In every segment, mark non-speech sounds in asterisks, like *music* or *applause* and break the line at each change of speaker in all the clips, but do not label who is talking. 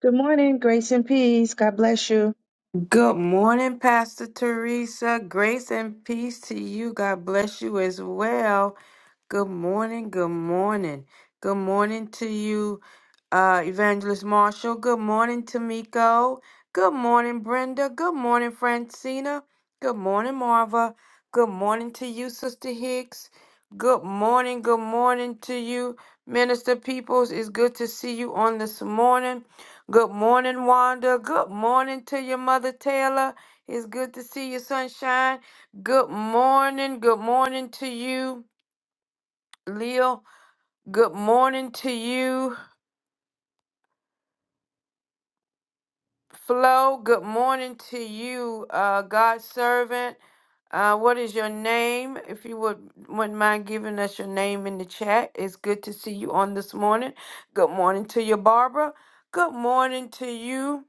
Good morning, grace and peace. God bless you.
Good morning, Pastor Teresa. Grace and peace to you. God bless you as well. Good morning. Good morning. Good morning to you, uh, Evangelist Marshall. Good morning, Tamiko. Good morning, Brenda. Good morning, Francina. Good morning, Marva. Good morning to you, Sister Hicks. Good morning. Good morning to you, Minister Peoples. It's good to see you on this morning. Good morning, Wanda. Good morning to your mother, Taylor. It's good to see you, sunshine. Good morning. Good morning to you, Leo. Good morning to you, Flo. Good morning to you, uh, God's servant. Uh, what is your name? If you would, wouldn't mind giving us your name in the chat. It's good to see you on this morning. Good morning to you, Barbara. Good morning to you.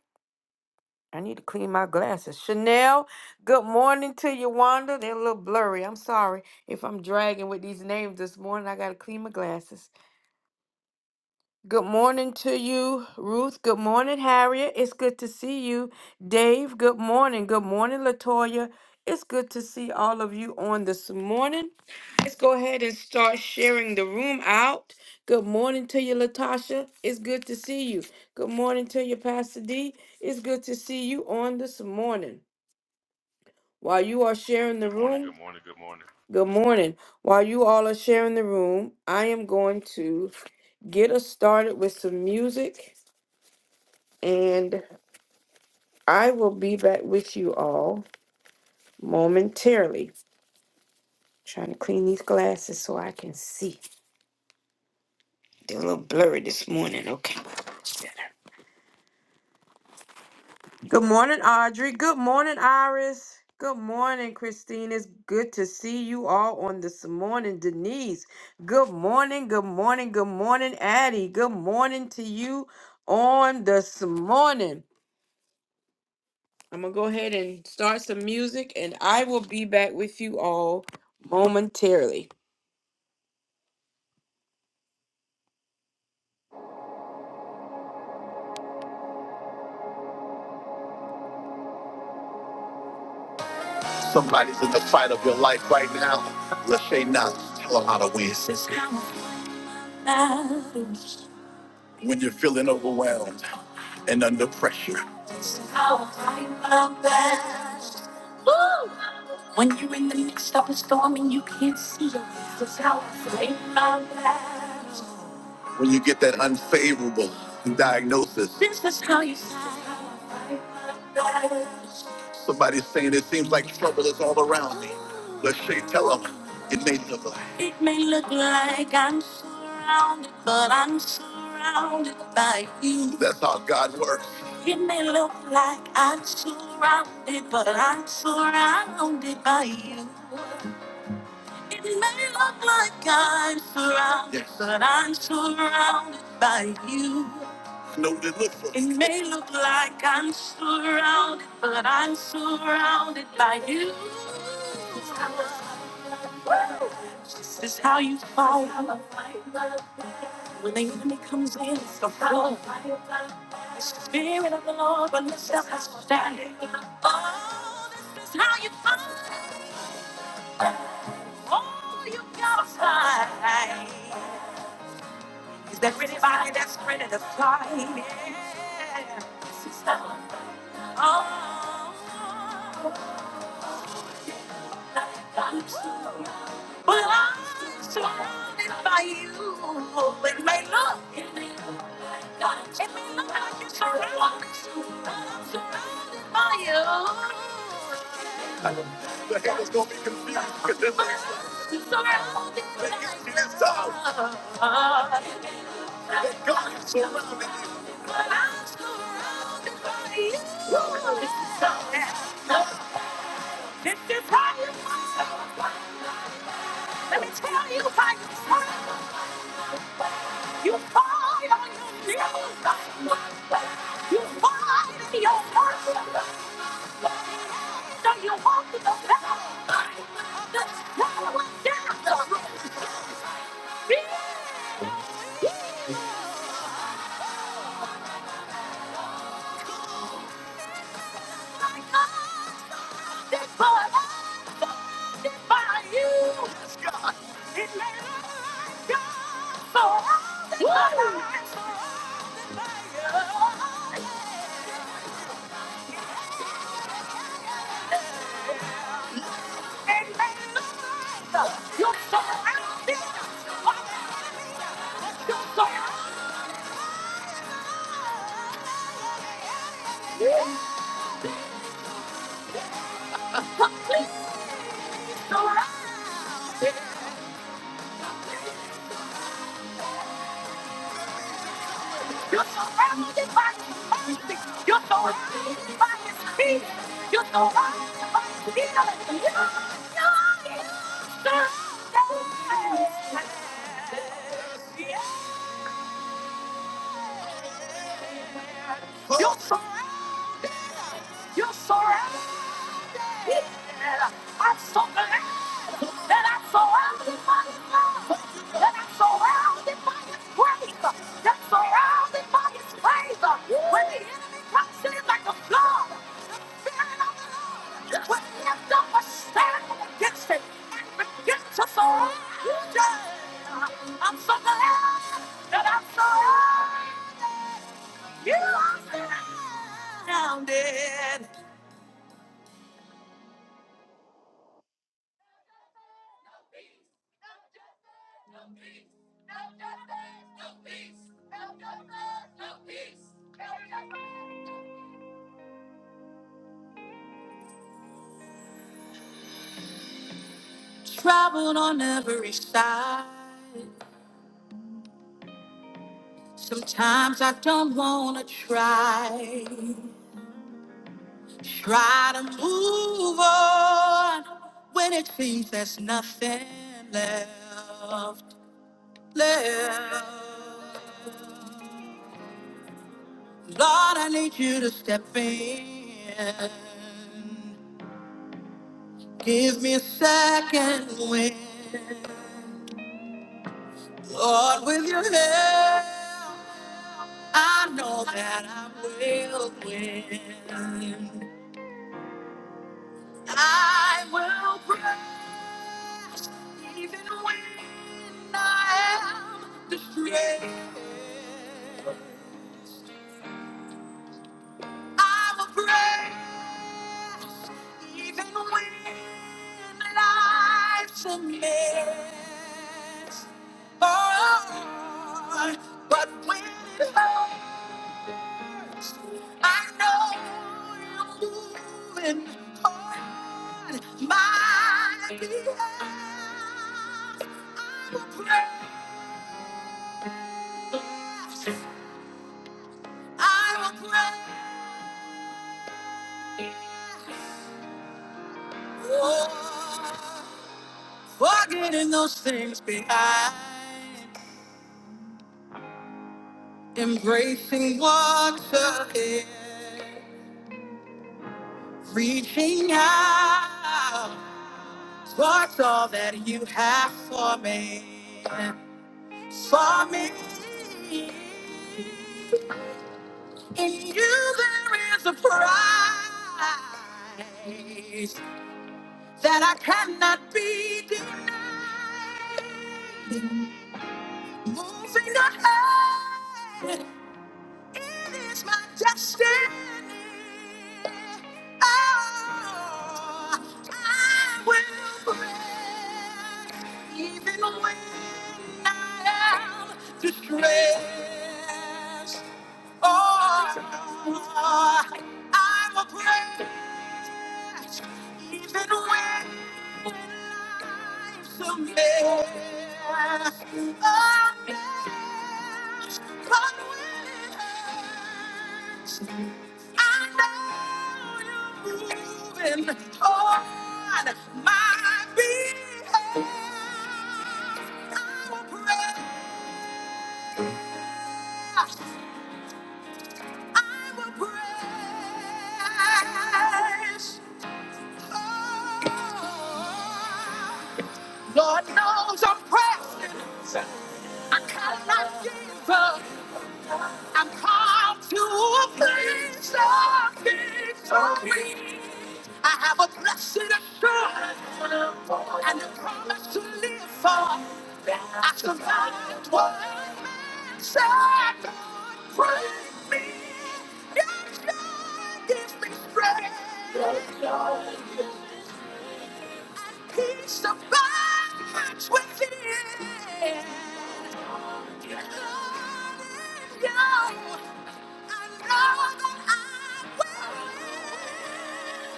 I need to clean my glasses. Chanel, good morning to you, Wanda. They're a little blurry. I'm sorry if I'm dragging with these names this morning. I got to clean my glasses. Good morning to you, Ruth. Good morning, Harriet. It's good to see you. Dave, good morning. Good morning, Latoya. It's good to see all of you on this morning. Let's go ahead and start sharing the room out. Good morning to you, Latasha. It's good to see you. Good morning to you, Pastor D. It's good to see you on this morning. While you are sharing the
Good morning,
room,
good morning, good morning.
good morning. While you all are sharing the room, I am going to get us started with some music and I will be back with you all momentarily. Trying to clean these glasses so I can see. They're a little blurry this morning. Okay. Good morning, Audrey. Good morning, Iris. Good morning, Christine. It's good to see you all on this morning. Denise, good morning. Good morning. Good morning, Addie. Good morning to you on this morning. I'm going to go ahead and start some music, and I will be back with you all momentarily. Somebody's in the fight of your life right now. Lachey Knox, tell her how to win. This is how it matters. when you're feeling overwhelmed and under pressure. How I love that. Woo! When you're in the midst of a storm and you can't see it, that's how I love that when you get that unfavorable diagnosis. This is how you sound. Somebody's saying it seems like trouble is all around me. Let's say tell them it may look like. It may look like I'm surrounded, but I'm surrounded by you. That's how God works. It may look like I'm surrounded, but I'm surrounded by you. It may look like I'm surrounded, Yes. but I'm surrounded by you. No, it looks like. It may look like I'm surrounded, but I'm surrounded by you. This is how you fight. When the enemy comes in, it's the flood. The spirit of the Lord will lift up a standing. Oh, this is how you fight. Oh, you gotta fight. Is there anybody that's ready to fight? Yeah. Oh. But I'm surrounded by you. It may look, it may look like you're surrounded, but I'm surrounded by you. The head is gonna be confused because this is surrounded by The issue is That God is surrounding you. But I'm surrounded by you. This is how. This is how. Let me tell you by your time, you fight on your knees. You fight in your worship. So you walk in the power. The power of death. Be like us, this for us, this by you. It may not be for us, it's by us. You're surrounded. You're surrounded. He said, I'm so glad that I'm surrounded by his love, that I'm surrounded by his grace, that I'm surrounded by his praise. When the enemy comes in like a flood, the spirit of the Lord will lift up a stand against it and begin to surround you. I'm so glad that I'm surrounded. You are surrounded. No peace, no justice, no peace, no justice, no peace, no justice, no peace, no justice. Sometimes I don't wanna try, try to move on when it seems there's nothing left, left. Lord, I need you to step in, give me a second wind. Lord, with your help, I know that I will win. I will pray even when I am afraid. I will pray even when life's a mess. Oh, but when it hurts, I know you're moving on my behalf. I will pray. I will pray. Oh, forgetting those things behind, embracing what's ahead, reaching out towards all that you have for me. For me, in you there is a prize that I cannot be denied. Moving ahead. It is my destiny. Oh, I will break even when I am distressed. Oh, I will break. Even when life's a mess, a mess, but when it hurts, I know you're moving on my behalf. I will praise, I will praise. Oh, Lord knows I'm pressed. I cannot give up. I'm called to a place of victory. I have a blessed assurance and a promise to live for. I survived what sad break me. Yes, God gives me strength. Peace of abides within. Hallelujah.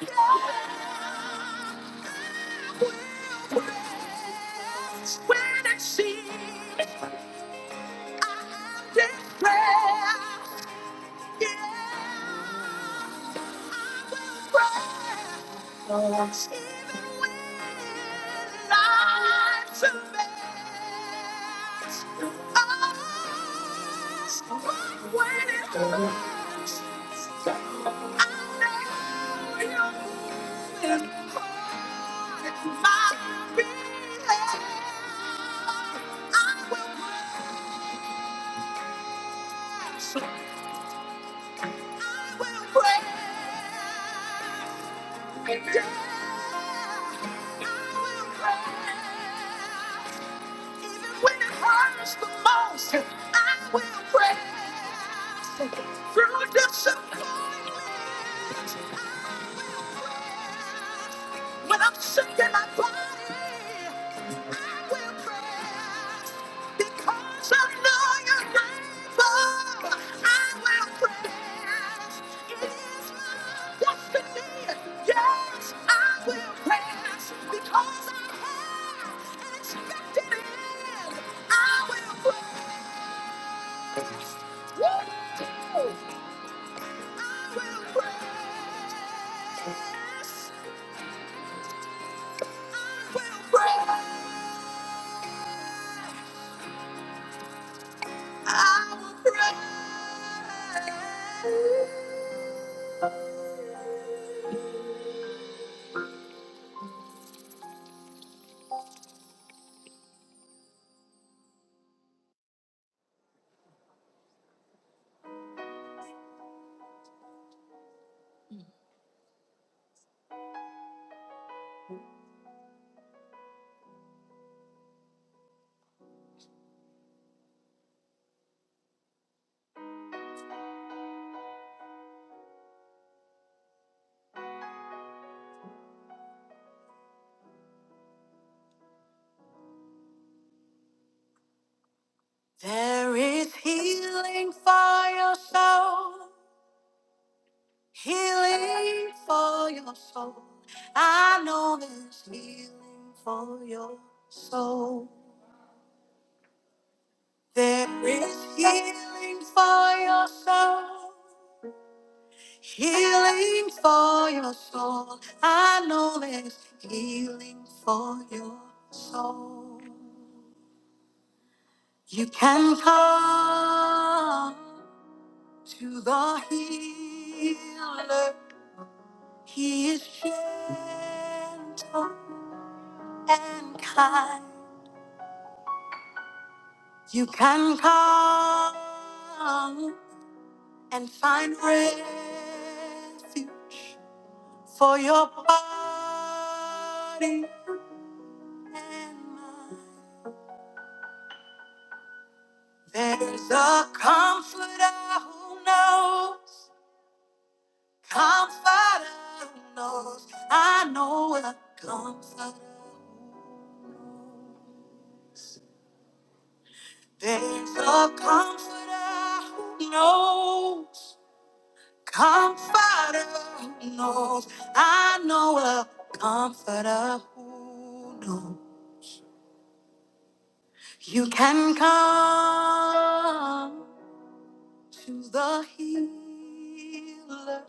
Know that I can win and see and declare. Even when life's a mess, oh, but when it hurts, I know you're moving on. My behalf, I will pray. Even when it hurts the most, I will pray. Through disappointment, I will press. When I'm sick in my body, I will press. Because I know you're faithful, I will press. It is my destiny. Yes, I will press. Because I have an expected end, I will press. Woo! There is healing for your soul, healing for your soul. I know there's healing for your soul. There is healing for your soul, healing for your soul. I know there's healing for your soul. You can come to the healer. He is gentle and kind. You can come and find refuge for your body and mind. There's a comforter who knows. Comforter knows I know a comforter. There's a comforter who knows. Comforter who knows I know a comforter who knows. You can come to the healer.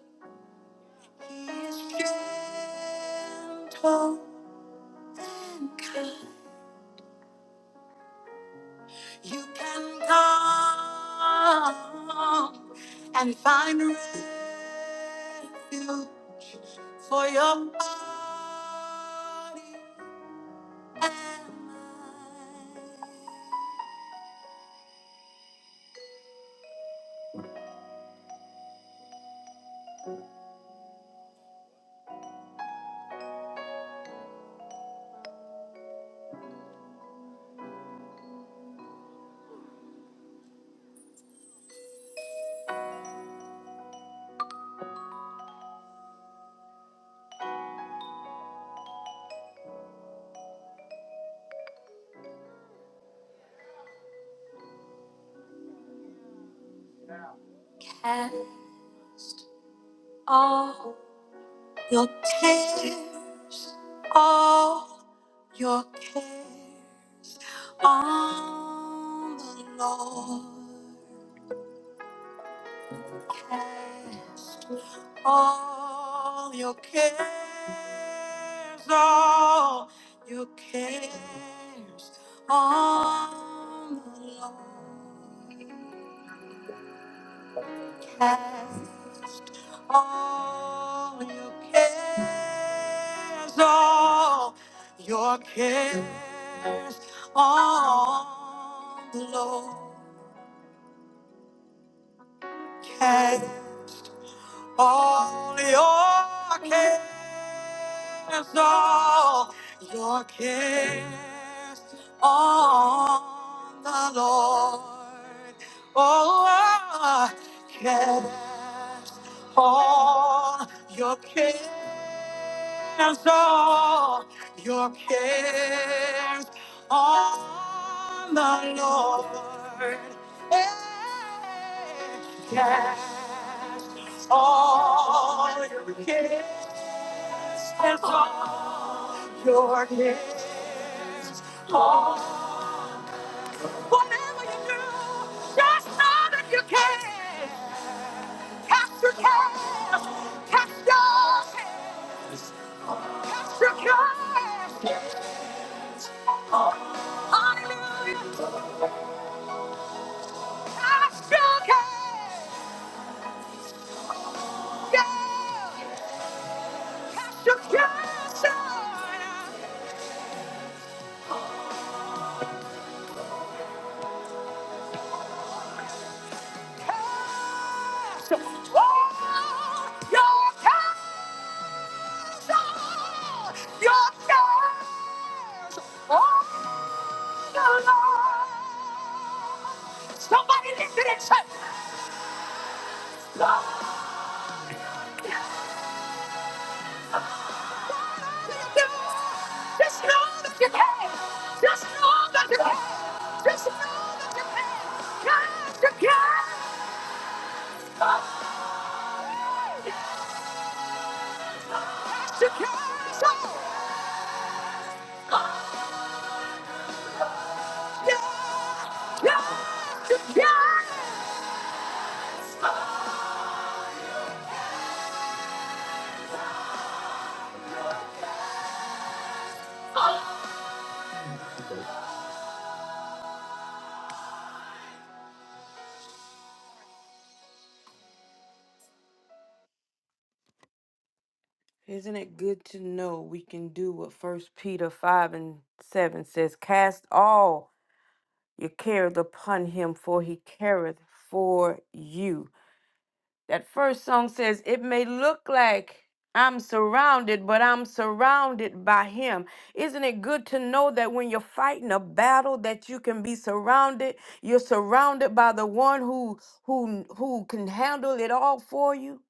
He is gentle and kind. You can come and find refuge for your body and mind. And all your cares, all your cares on the Lord. Cast All your cares, all your cares on the Lord. Cast all your cares, all your cares on the Lord. Cast All your cares, all your cares on the Lord. Oh, cast all your cares cares all your cares on the Lord. Hey, Cast all your cares, all your cares. Whatever you do, just know that you can. Cast your cares, cast your cares, cast your cares. Hallelujah. Somebody listen and say, Lord, Just know that you can. Just know that you can. Just know that you can. Yes, you can. Yes, you can. Yes, you can. Isn't it good to know we can do what First Peter 5 and 7 says? Cast all your cares upon him, for he careth for you. That first song says, It may look like I'm surrounded, but I'm surrounded by him. Isn't it good to know that when you're fighting a battle that you can be surrounded? You're surrounded by the one who who who can handle it all for you.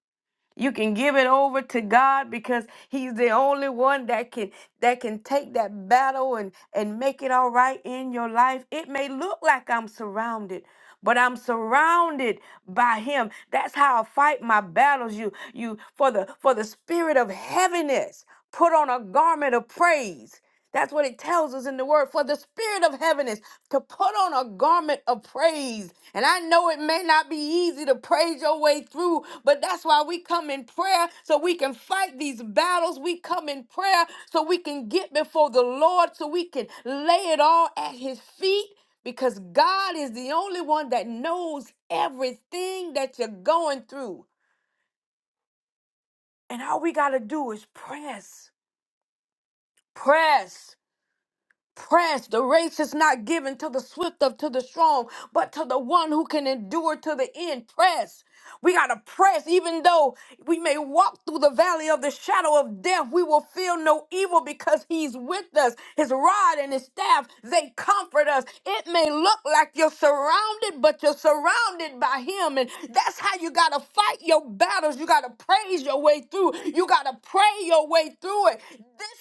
You can give it over to God because he's the only one that can that can take that battle and and make it all right in your life. It may look like I'm surrounded, but I'm surrounded by him. That's how I fight my battles. You you for the for the spirit of heaviness, put on a garment of praise. That's what it tells us in the word for the spirit of heaviness to put on a garment of praise and I know it may not be easy to praise your way through, but that's why we come in prayer so we can fight these battles. We come in prayer so we can get before the Lord, so we can lay it all at His feet, because God is the only one that knows everything that you're going through. And all we got to do is press, press. Press, the race is not given to the swift or to the strong, but to the one who can endure to the end. Press. We got to press, even though we may walk through the valley of the shadow of death, we will feel no evil because He's with us. His rod and His staff, they comfort us. It may look like you're surrounded, but you're surrounded by Him. And that's how you got to fight your battles. You got to praise your way through, you got to pray your way through it.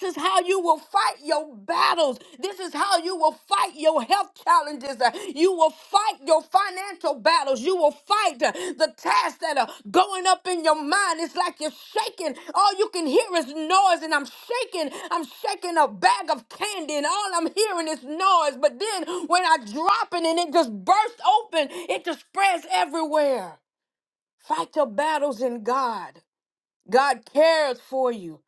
This is how you will fight your battles. This is how you will fight your health challenges. Uh, You will fight your financial battles. You will fight uh, the tasks that are going up in your mind. It's like you're shaking. All you can hear is noise, and I'm shaking. I'm shaking a bag of candy, and all I'm hearing is noise. But then when I drop it and it just bursts open, it just spreads everywhere. Fight your battles in God. God cares for you.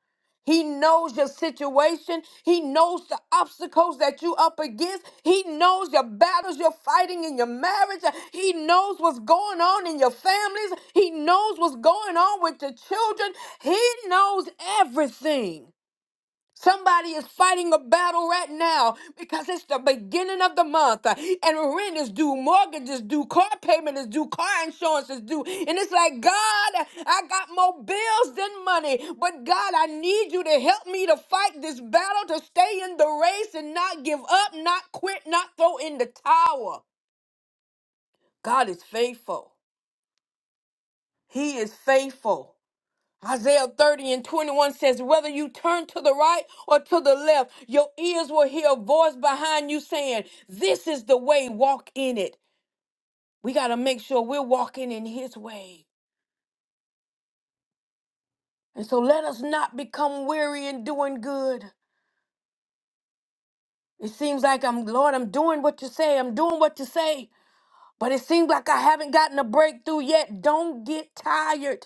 He knows your situation. He knows the obstacles that you up against. He knows your battles you're fighting in your marriage. He knows what's going on in your families. He knows what's going on with your children. He knows everything. Somebody is fighting a battle right now because it's the beginning of the month uh, and rent is due, mortgage is due, car payment is due, car insurance is due. And it's like, God, I got more bills than money, but God, I need you to help me to fight this battle, to stay in the race and not give up, not quit, not throw in the towel. God is faithful. He is faithful. Isaiah 30 and 21 says, Whether you turn to the right or to the left, your ears will hear a voice behind you saying, This is the way, walk in it. We got to make sure we're walking in His way. And so let us not become weary in doing good. It seems like I'm, Lord, I'm doing what you say, I'm doing what you say, but it seems like I haven't gotten a breakthrough yet. Don't get tired.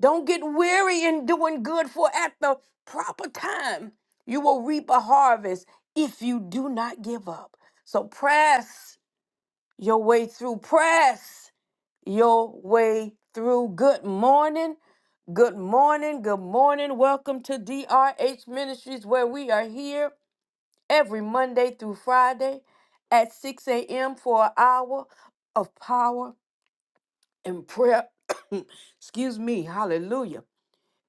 Don't get weary in doing good, for at the proper time you will reap a harvest if you do not give up. So press your way through. Press your way through. Good morning. Good morning. Good morning. Welcome to DRH Ministries, where we are here every Monday through Friday at 6 a.m. for an hour of power and prayer. *coughs* Excuse me. Hallelujah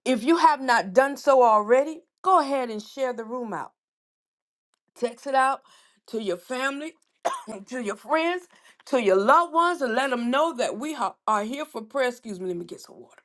if you have not done so already, go ahead and share the room out. Text it out to your family, *coughs* to your friends, to your loved ones, and let them know that we ha- are here for prayer. Excuse me, let me get some water.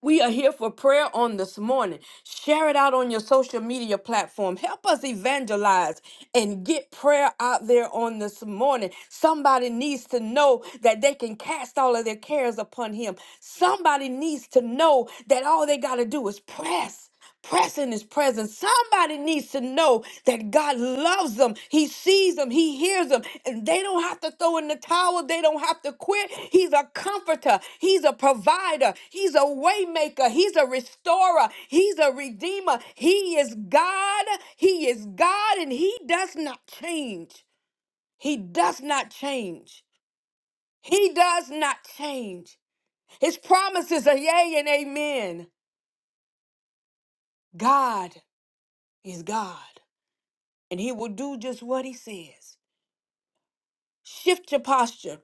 We are here for prayer on this morning. Share it out on your social media platform. Help us evangelize and get prayer out there on this morning. Somebody needs to know that they can cast all of their cares upon Him. Somebody needs to know that all they got to do is press. Press in his presence. Somebody needs to know that God loves them. He sees them. He hears them. And they don't have to throw in the towel. They don't have to quit. He's a comforter. He's a provider. He's a waymaker. He's a restorer. He's a redeemer. He is God. He is God and he does not change. He does not change. He does not change. His promises are yea and amen. God is God. and he will do just what he says. Shift your posture.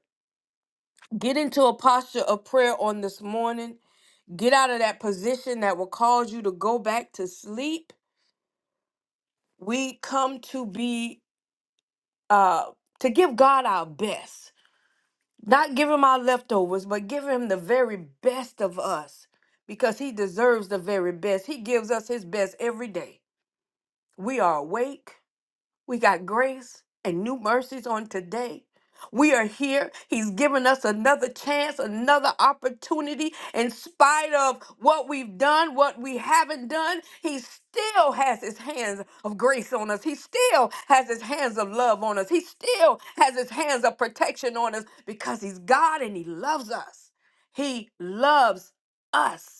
Get into a posture of prayer on this morning. Get out of that position that will cause you to go back to sleep. We come to be uh to give God our best. Not give him our leftovers, but give him the very best of us because he deserves the very best. He gives us his best every day. We are awake. We got grace and new mercies on today. We are here. He's given us another chance, another opportunity. In spite of what we've done, what we haven't done, He still has His hands of grace on us. He still has His hands of love on us. He still has His hands of protection on us because He's God and He loves us. He loves us.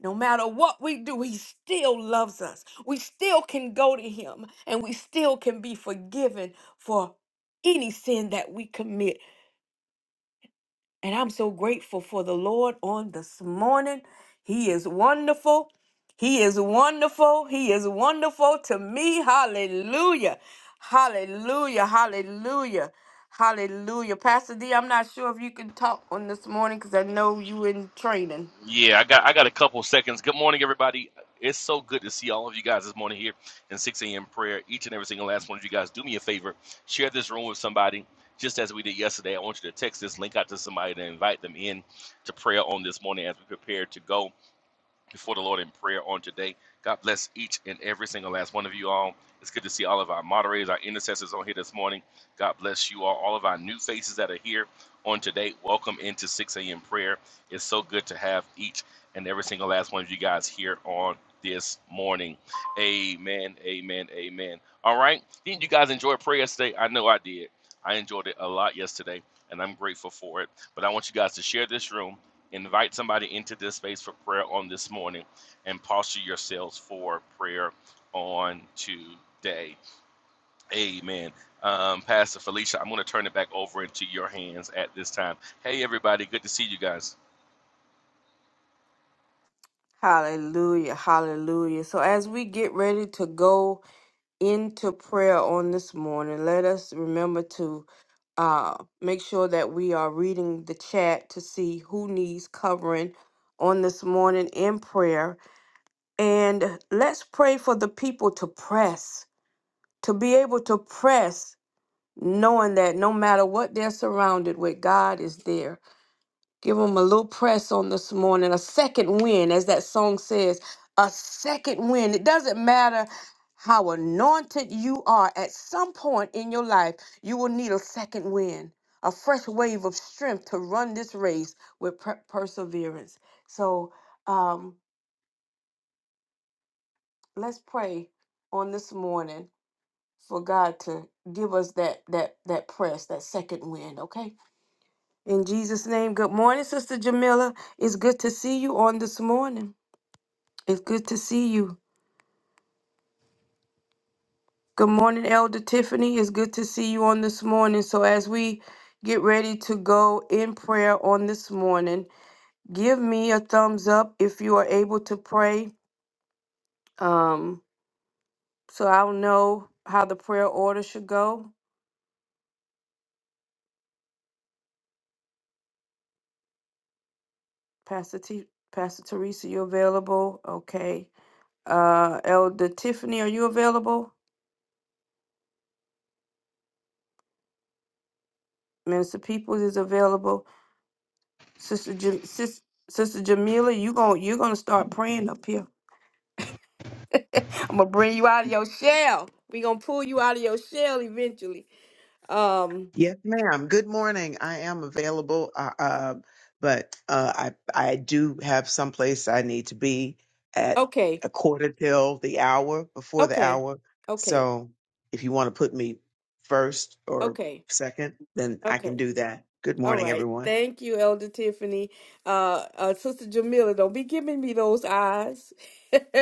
No matter what we do, He still loves us. We still can go to Him and we still can be forgiven for any sin that we commit. And I'm so grateful for the Lord on this morning. He is wonderful. He is wonderful. He is wonderful to me. Hallelujah. Hallelujah. Hallelujah. Hallelujah. Pastor D, I'm not sure if you can talk on this morning because I know you in training.
Yeah, I got I got a couple seconds. Good morning, everybody. It's so good to see all of you guys this morning here in 6 a.m. prayer. Each and every single last one of you guys, do me a favor, share this room with somebody, just as we did yesterday. I want you to text this link out to somebody to invite them in to prayer on this morning as we prepare to go. before the Lord in prayer on today. God bless each and every single last one of you all. It's good to see all of our moderators, our intercessors on here this morning. God bless you all. All of our new faces that are here on today, welcome into 6 a.m. prayer. It's so good to have each and every single last one of you guys here on this morning. Amen, amen, amen. All right. Didn't you guys enjoy prayer today? I know I did. I enjoyed it a lot yesterday, and I'm grateful for it. But I want you guys to share this room invite somebody into this space for prayer on this morning and posture yourselves for prayer on today. Amen. Um, Pastor Felicia, I'm going to turn it back over into your hands at this time. Hey, everybody, good to see you guys.
Hallelujah. Hallelujah. So, as we get ready to go into prayer on this morning, let us remember to uh, make sure that we are reading the chat to see who needs covering on this morning in prayer. And let's pray for the people to press, to be able to press, knowing that no matter what they're surrounded with, God is there. Give them a little press on this morning, a second win, as that song says, a second win. It doesn't matter how anointed you are, at some point in your life, you will need a second win, a fresh wave of strength to run this race with per- perseverance. So um, let's pray on this morning for God to give us that that that press, that second win, okay? In Jesus' name, good morning, Sister Jamila. It's good to see you on this morning. It's good to see you. Good morning, Elder Tiffany. It's good to see you on this morning. So, as we get ready to go in prayer on this morning, give me a thumbs up if you are able to pray um, so I'll know how the prayer order should go. Pastor, T- Pastor Teresa, you available? Okay. Uh, Elder Tiffany, are you available? Minister Peoples is available. Sister, Jam- Sis- Sister Jamila, you gon' you're gonna start praying up here. *laughs* I'm gonna bring you out of your shell. We gonna pull you out of your shell eventually. Um.
Yes, ma'am. Good morning. I am available, uh, uh, but uh, I I do have someplace I need to be at
Okay.
a quarter till the hour before the
Okay.
hour.
Okay.
So if you want to put me first or
Okay.
second, then I can
Okay.
do that. Good
All
morning,
right.
everyone.
Thank you, Elder Tiffany. Uh, uh Sister Jamila, don't be giving me those eyes. *laughs*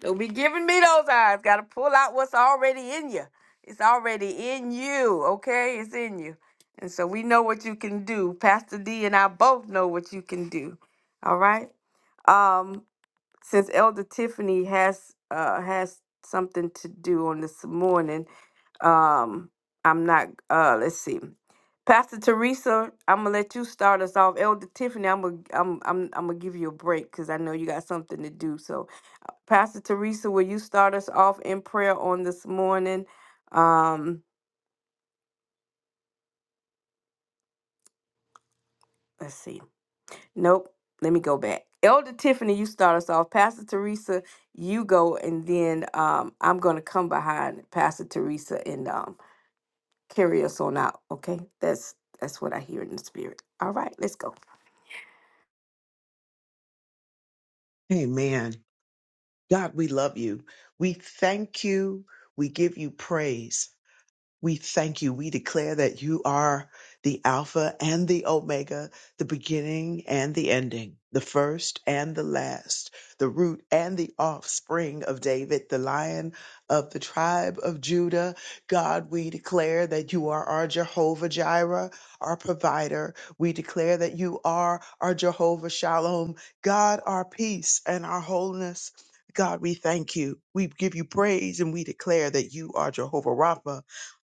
don't be giving me those eyes. Gotta pull out what's already in you. It's already in you. Okay, it's in you. And so we know what you can do. Pastor D and I both know what you can do. All right. Um, since Elder Tiffany has uh has something to do on this morning, um, I'm not uh let's see. Pastor Teresa, I'm gonna let you start us off. Elder Tiffany, I'm gonna I'm I'm I'm gonna give you a break because I know you got something to do. So, Pastor Teresa, will you start us off in prayer on this morning? Um, let's see. Nope. Let me go back. Elder Tiffany, you start us off. Pastor Teresa, you go, and then um, I'm gonna come behind Pastor Teresa and um, carry us on out. Okay, that's that's what I hear in the spirit. All right, let's go.
Amen. God, we love you. We thank you. We give you praise. We thank you. We declare that you are the Alpha and the Omega, the beginning and the ending, the first and the last, the root and the offspring of David, the lion of the tribe of Judah. God, we declare that you are our Jehovah Jireh, our provider. We declare that you are our Jehovah Shalom, God, our peace and our wholeness. God, we thank you. We give you praise and we declare that you are Jehovah Rapha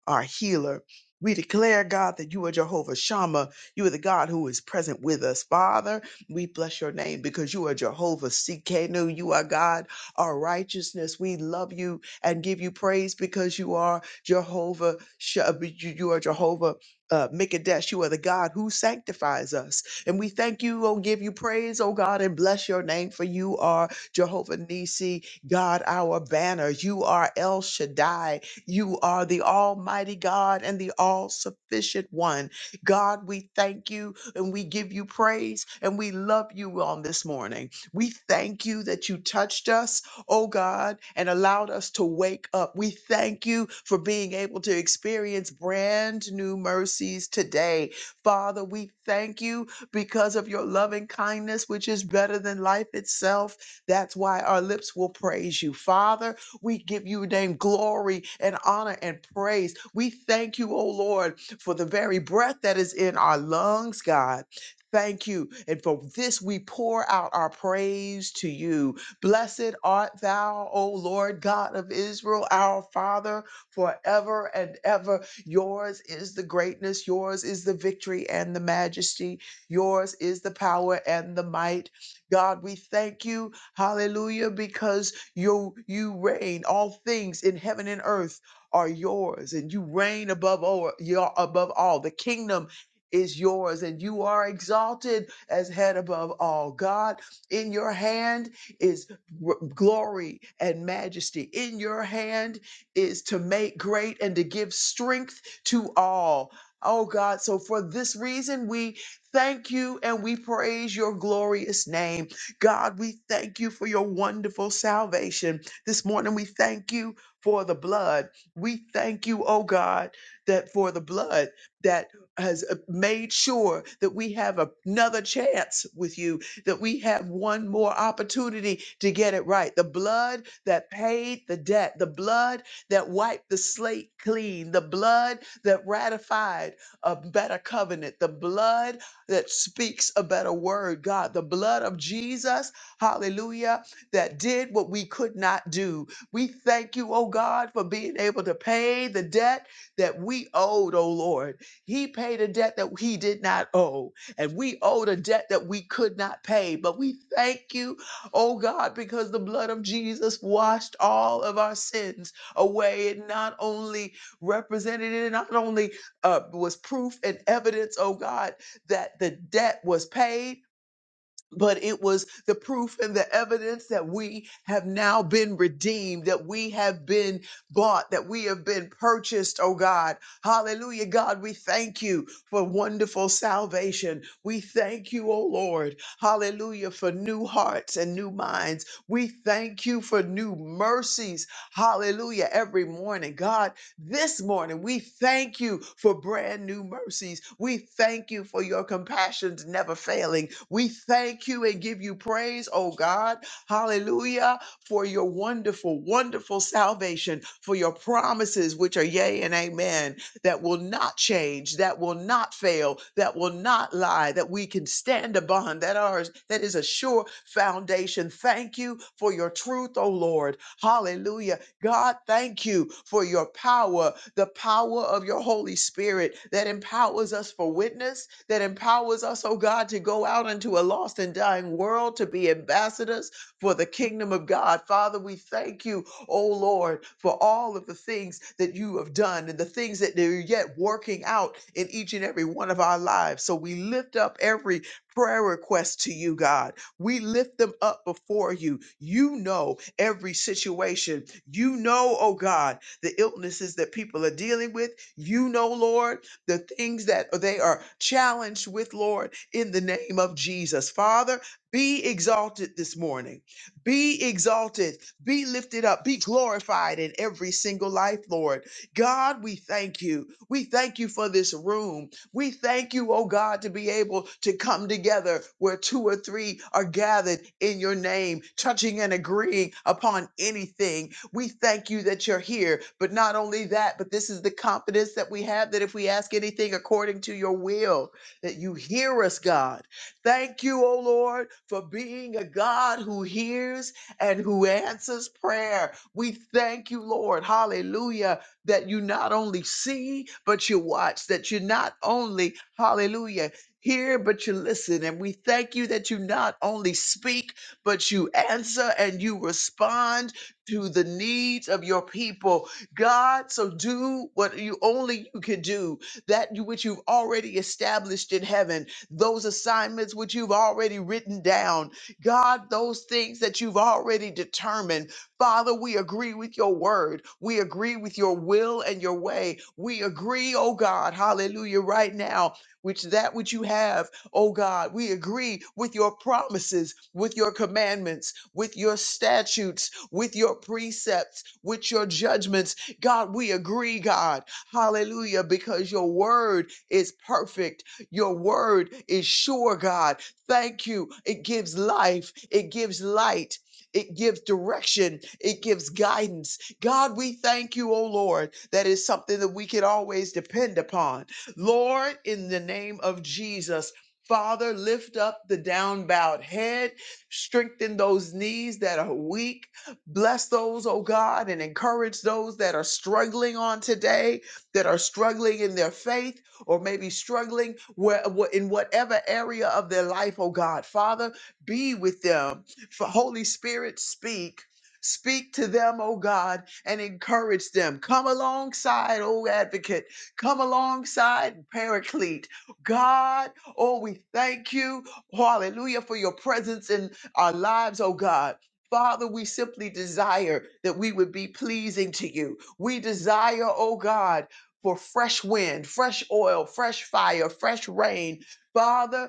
our healer. We declare, God, that you are Jehovah Shammah. You are the God who is present with us. Father, we bless your name because you are Jehovah Sikenu. You are God, our righteousness. We love you and give you praise because you are Jehovah. Sh- You you are Jehovah uh, Mikadesh. You are the God who sanctifies us. And we thank you, oh, give you praise, oh God, and bless your name for you are Jehovah Nisi, God, our banner. You are El Shaddai. You are the Almighty God and the All Sufficient One. God, we thank you and we give you praise and we love you on this morning. We thank you that you touched us, oh God, and allowed us to wake up. We thank you for being able to experience brand new mercies today. Father, we thank you because of your loving kindness, which is better than life itself. That's why our lips will praise you. Father, we give you name glory and honor and praise. We thank you, O Lord, for the very breath that is in our lungs, God. Thank you. And for this, we pour out our praise to you. Blessed art thou, O Lord God of Israel, our Father, forever and ever. Yours is the greatness, yours is the victory and the majesty, yours is the power and the might. God, we thank you. Hallelujah. Because you, you reign. All things in heaven and earth are yours, and you reign above all. You're above all. The kingdom is yours, and you are exalted as head above all. God, in your hand is r- glory and majesty. In your hand is to make great and to give strength to all. Oh God, so for this reason, we thank you and we praise your glorious name. God, we thank you for your wonderful salvation. This morning, we thank you for the blood. We thank you, oh God, that for the blood that has uh, made sure that we have a- another chance with you, that we have one more opportunity to get it right. The blood that paid the debt, the blood that wiped the slate clean, the blood that ratified a better covenant, the blood that speaks a better word, God. The blood of Jesus, hallelujah, that did what we could not do. We thank you, oh God, for being able to pay the debt that we owed, oh Lord. He paid a debt that he did not owe, and we owed a debt that we could not pay. But we thank you, oh God, because the blood of Jesus washed all of our sins away. It not only represented it, not only uh, was proof and evidence, oh God that the debt was paid, but it was the proof and the evidence that we have now been redeemed, that we have been bought, that we have been purchased, oh God. Hallelujah, God. We thank you for wonderful salvation. We thank you, oh Lord. Hallelujah, for new hearts and new minds. We thank you for new mercies. Hallelujah, every morning, God. This morning, we thank you for brand new mercies. We thank you for your compassions never failing. We thank you and give you praise, oh God. Hallelujah, for your wonderful, wonderful salvation, for your promises, which are yea and amen, that will not change, that will not fail, that will not lie, that we can stand upon, that ours, that is a sure foundation. Thank you for your truth, oh Lord. Hallelujah God, thank you for your power, the power of your Holy Spirit that empowers us for witness, that empowers us, oh God, to go out into a lost and dying world to be ambassadors for the kingdom of God. Father, we thank you, oh Lord, for all of the things that you have done and the things that you're yet working out in each and every one of our lives. So we lift up every prayer request to you, God. We lift them up before you. You know every situation. You know, oh God, the illnesses that people are dealing with. You know, Lord, the things that they are challenged with, Lord, in the name of Jesus. Father, be exalted this morning. Be exalted. Be lifted up. Be glorified in every single life, Lord. God, we thank you. We thank you for this room. We thank you, oh God, to be able to come together where two or three are gathered in your name, touching and agreeing upon anything. We thank you that you're here. But not only that, but this is the confidence that we have that if we ask anything according to your will, that you hear us, God. Thank you, oh Lord, for being a God who hears and who answers prayer. We thank you, Lord. Hallelujah that you not only see, but you watch, that you not only, hallelujah, hear, but you listen. And we thank you that you not only speak, but you answer and you respond to the needs of your people. God, so do what you only you can do, that you- which you've already established in heaven, those assignments which you've already written down. God, those things that you've already determined. Father, we agree with your word. We agree with your will and your way. We agree, oh God, hallelujah, right now, which that which you have, oh God, we agree with your promises, with your commandments, with your statutes, with your precepts, with your judgments. God, we agree, God, hallelujah, because your word is perfect. Your word is sure, God. Thank you. It gives life, it gives light. It gives direction. It gives guidance. God, we thank you, oh Lord, that is something that we can always depend upon. Lord, in the name of Jesus, Father, lift up the down bowed head, strengthen those knees that are weak, bless those, oh God, and encourage those that are struggling on today, that are struggling in their faith, or maybe struggling where, wh- in whatever area of their life, oh God. Father, be with them for Holy Spirit, speak. Speak to them, oh God, and encourage them. Come alongside, oh advocate. Come alongside, paraclete. God, oh, we thank you. Hallelujah for your presence in our lives, oh God. Father, we simply desire that we would be pleasing to you. We desire, oh God, for fresh wind, fresh oil, fresh fire, fresh rain. Father,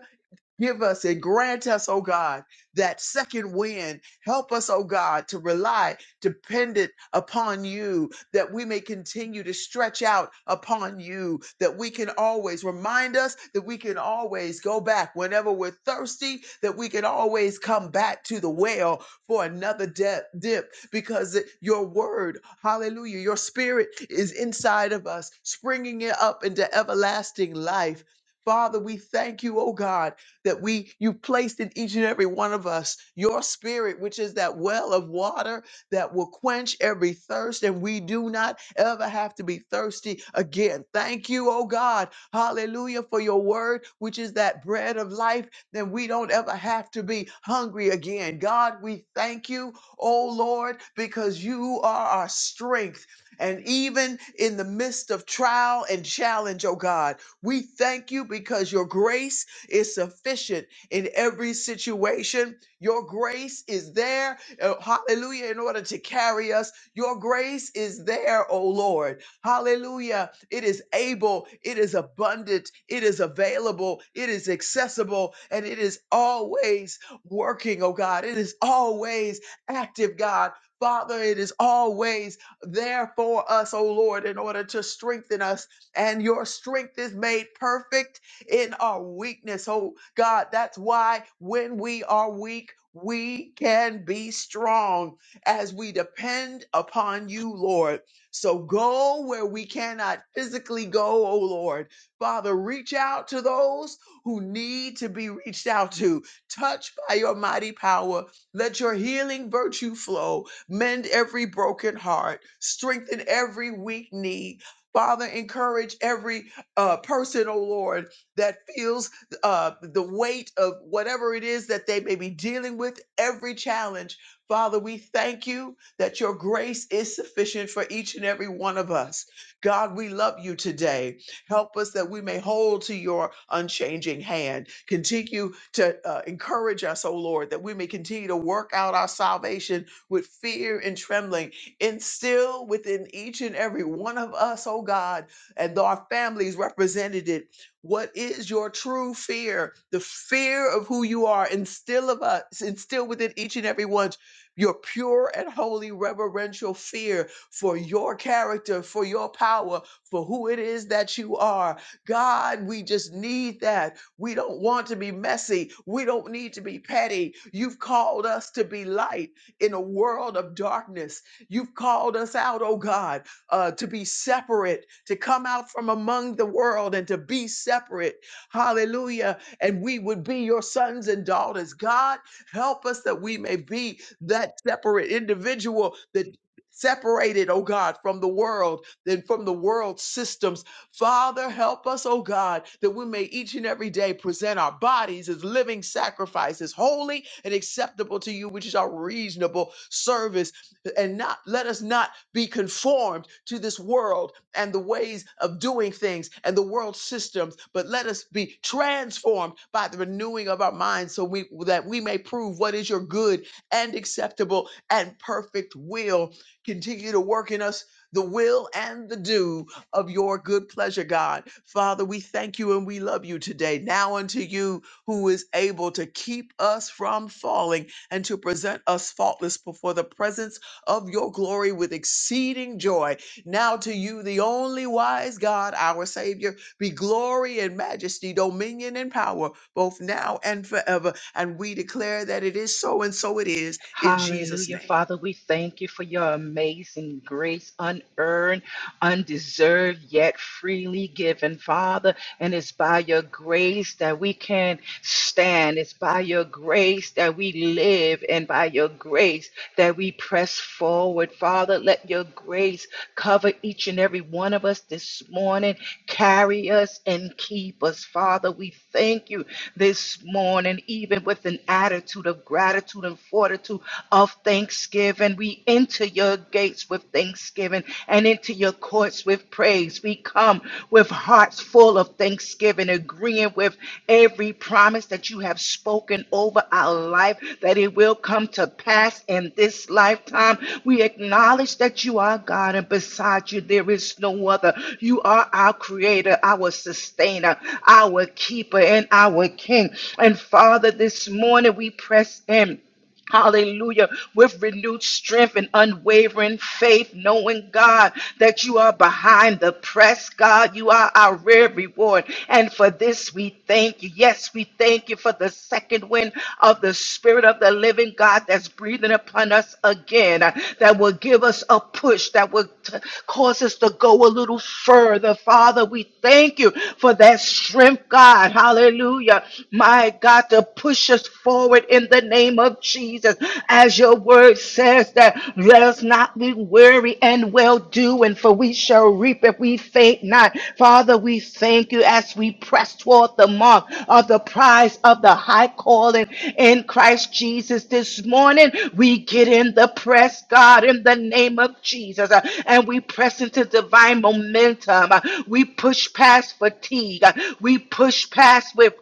Give us and grant us, oh God, that second wind. Help us, oh God, to rely dependent upon you, that we may continue to stretch out upon you, that we can always remind us that we can always go back whenever we're thirsty, that we can always come back to the well for another de- dip, because your word, hallelujah, your spirit is inside of us, springing it up into everlasting life. Father, we thank you, oh God that we you placed in each and every one of us your spirit which is that well of water that will quench every thirst and we do not ever have to be thirsty again thank you oh god hallelujah for your word which is that bread of life then we don't ever have to be hungry again god we thank you oh lord because you are our strength and even in the midst of trial and challenge oh god we thank you because your grace is sufficient in every situation. Your grace is there, uh, hallelujah, in order to carry us. Your grace is there, oh Lord, hallelujah. It is able, it is abundant, it is available, it is accessible, and it is always working, oh God. It is always active, God. Father, it is always there for us, oh Lord, in order to strengthen us. And your strength is made perfect in our weakness. Oh God, that's why when we are weak, we can be strong as we depend upon you, Lord. So go where we cannot physically go, oh Lord. Father, reach out to those who need to be reached out to. Touch by your mighty power. Let your healing virtue flow. Mend every broken heart. Strengthen every weak knee. Father, encourage every uh, person, oh Lord, that feels uh, the weight of whatever it is that they may be dealing with, every challenge. Father, we thank you that your grace is sufficient for each and every one of us. God, we love you today. Help us that we may hold to your unchanging hand. Continue to uh, encourage us, O Lord, that we may continue to work out our salvation with fear and trembling. Instill within each and every one of us, O God, and our families represented what is your true fear? The fear of who you are. Instill of us, instill within each and every one your pure and holy reverential fear for your character, for your power, for who it is that you are. God, we just need that. We don't want to be messy. We don't need to be petty. You've called us to be light in a world of darkness. You've called us out, oh God uh, to be separate, to come out from among the world and to be separate. Hallelujah. And we would be your sons and daughters. God, help us that we may be that separate individual that. Separated, oh God, from the world and from the world systems. Father, help us, oh God, that we may each and every day present our bodies as living sacrifices, holy and acceptable to you, which is our reasonable service and not let us not be conformed to this world and the ways of doing things and the world systems, but let us be transformed by the renewing of our minds so we that we may prove what is your good and acceptable and perfect will. Continue to work in us the will and the do of your good pleasure, God. Father, we thank you and we love you today. Now unto you who is able to keep us from falling and to present us faultless before the presence of your glory with exceeding joy. Now to you, the only wise God, our Savior, be glory and majesty, dominion and power, both now and forever. And we declare that it is so, and so it is in Jesus'
Hallelujah.
name.
Father, we thank you for your amazing grace unearned. undeserved yet freely given, Father. And it's by your grace that we can stand. It's by your grace that we live and by your grace that we press forward, Father. Let your grace cover each and every one of us this morning. Carry us and keep us, Father. We thank you this morning, even with an attitude of gratitude and fortitude of thanksgiving. We into your gates with thanksgiving and into your courts with praise. We come with hearts full of thanksgiving, agreeing with every promise that you have spoken over our life, that it will come to pass in this lifetime. We acknowledge that you are God, and beside you, there is no other. You are our creator, our sustainer, our keeper, and our king. And Father, this morning we press in. Hallelujah. With renewed strength and unwavering faith, knowing, God, that you are behind the press, God. You are our real reward. And for this, we thank you. Yes, we thank you for the second wind of the Spirit of the living God that's breathing upon us again, uh, that will give us a push, that will t- cause us to go a little further. Father, we thank you for that strength, God. Hallelujah. My God, to push us us forward in the name of Jesus. As your word says that let us not be weary and well doing, for we shall reap if we faint not. Father, we thank you as we press toward the mark of the prize of the high calling in Christ Jesus this morning. We get in the press, God, in the name of Jesus, uh, and we press into divine momentum. Uh, We push past fatigue. Uh, We push past with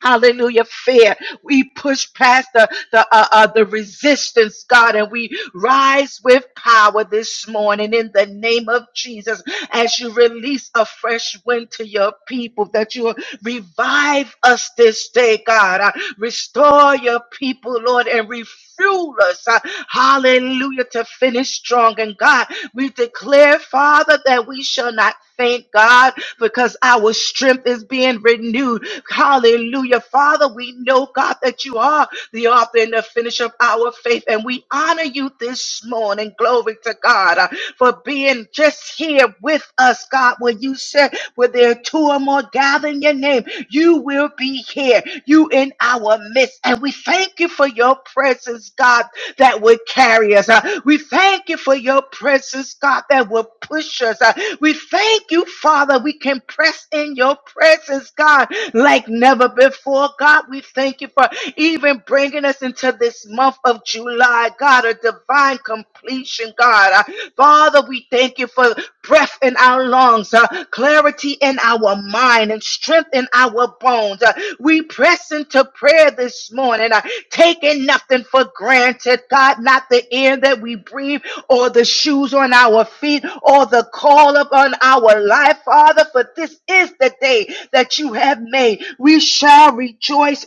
Hallelujah. Fear. We push past the, the, uh, uh, the resistance, God, and we rise with power this morning in the name of Jesus as you release a fresh wind to your people, that you will revive us this day, God. Uh, restore your people, Lord, and refuel us. Uh, hallelujah hallelujah, to finish strong. And God, we declare, Father, that we shall not faint, God, because our strength is being renewed. Hallelujah. Father, we know, God, that you are the author and the finisher of our faith. And we honor you this morning. Glory to God uh, for being just here with us, God, when you said, where there are two or more gathered in your name, you will be here. You in our midst. And we thank you for your presence, God that would carry us. Uh, we thank you for your presence, God, that will push us. Uh, we thank you, Father, we can press in your presence, God, like never before. God, we thank you for even bringing us into this month of July, God, a divine completion, God. Uh, Father, we thank you for breath in our lungs, uh, clarity in our mind, and strength in our bones. Uh, we press into prayer this morning. Uh, taking nothing for granted, God, not the air that we breathe or the shoes on our feet or the call upon our life, Father, for this is the day that you have made. We shall rejoice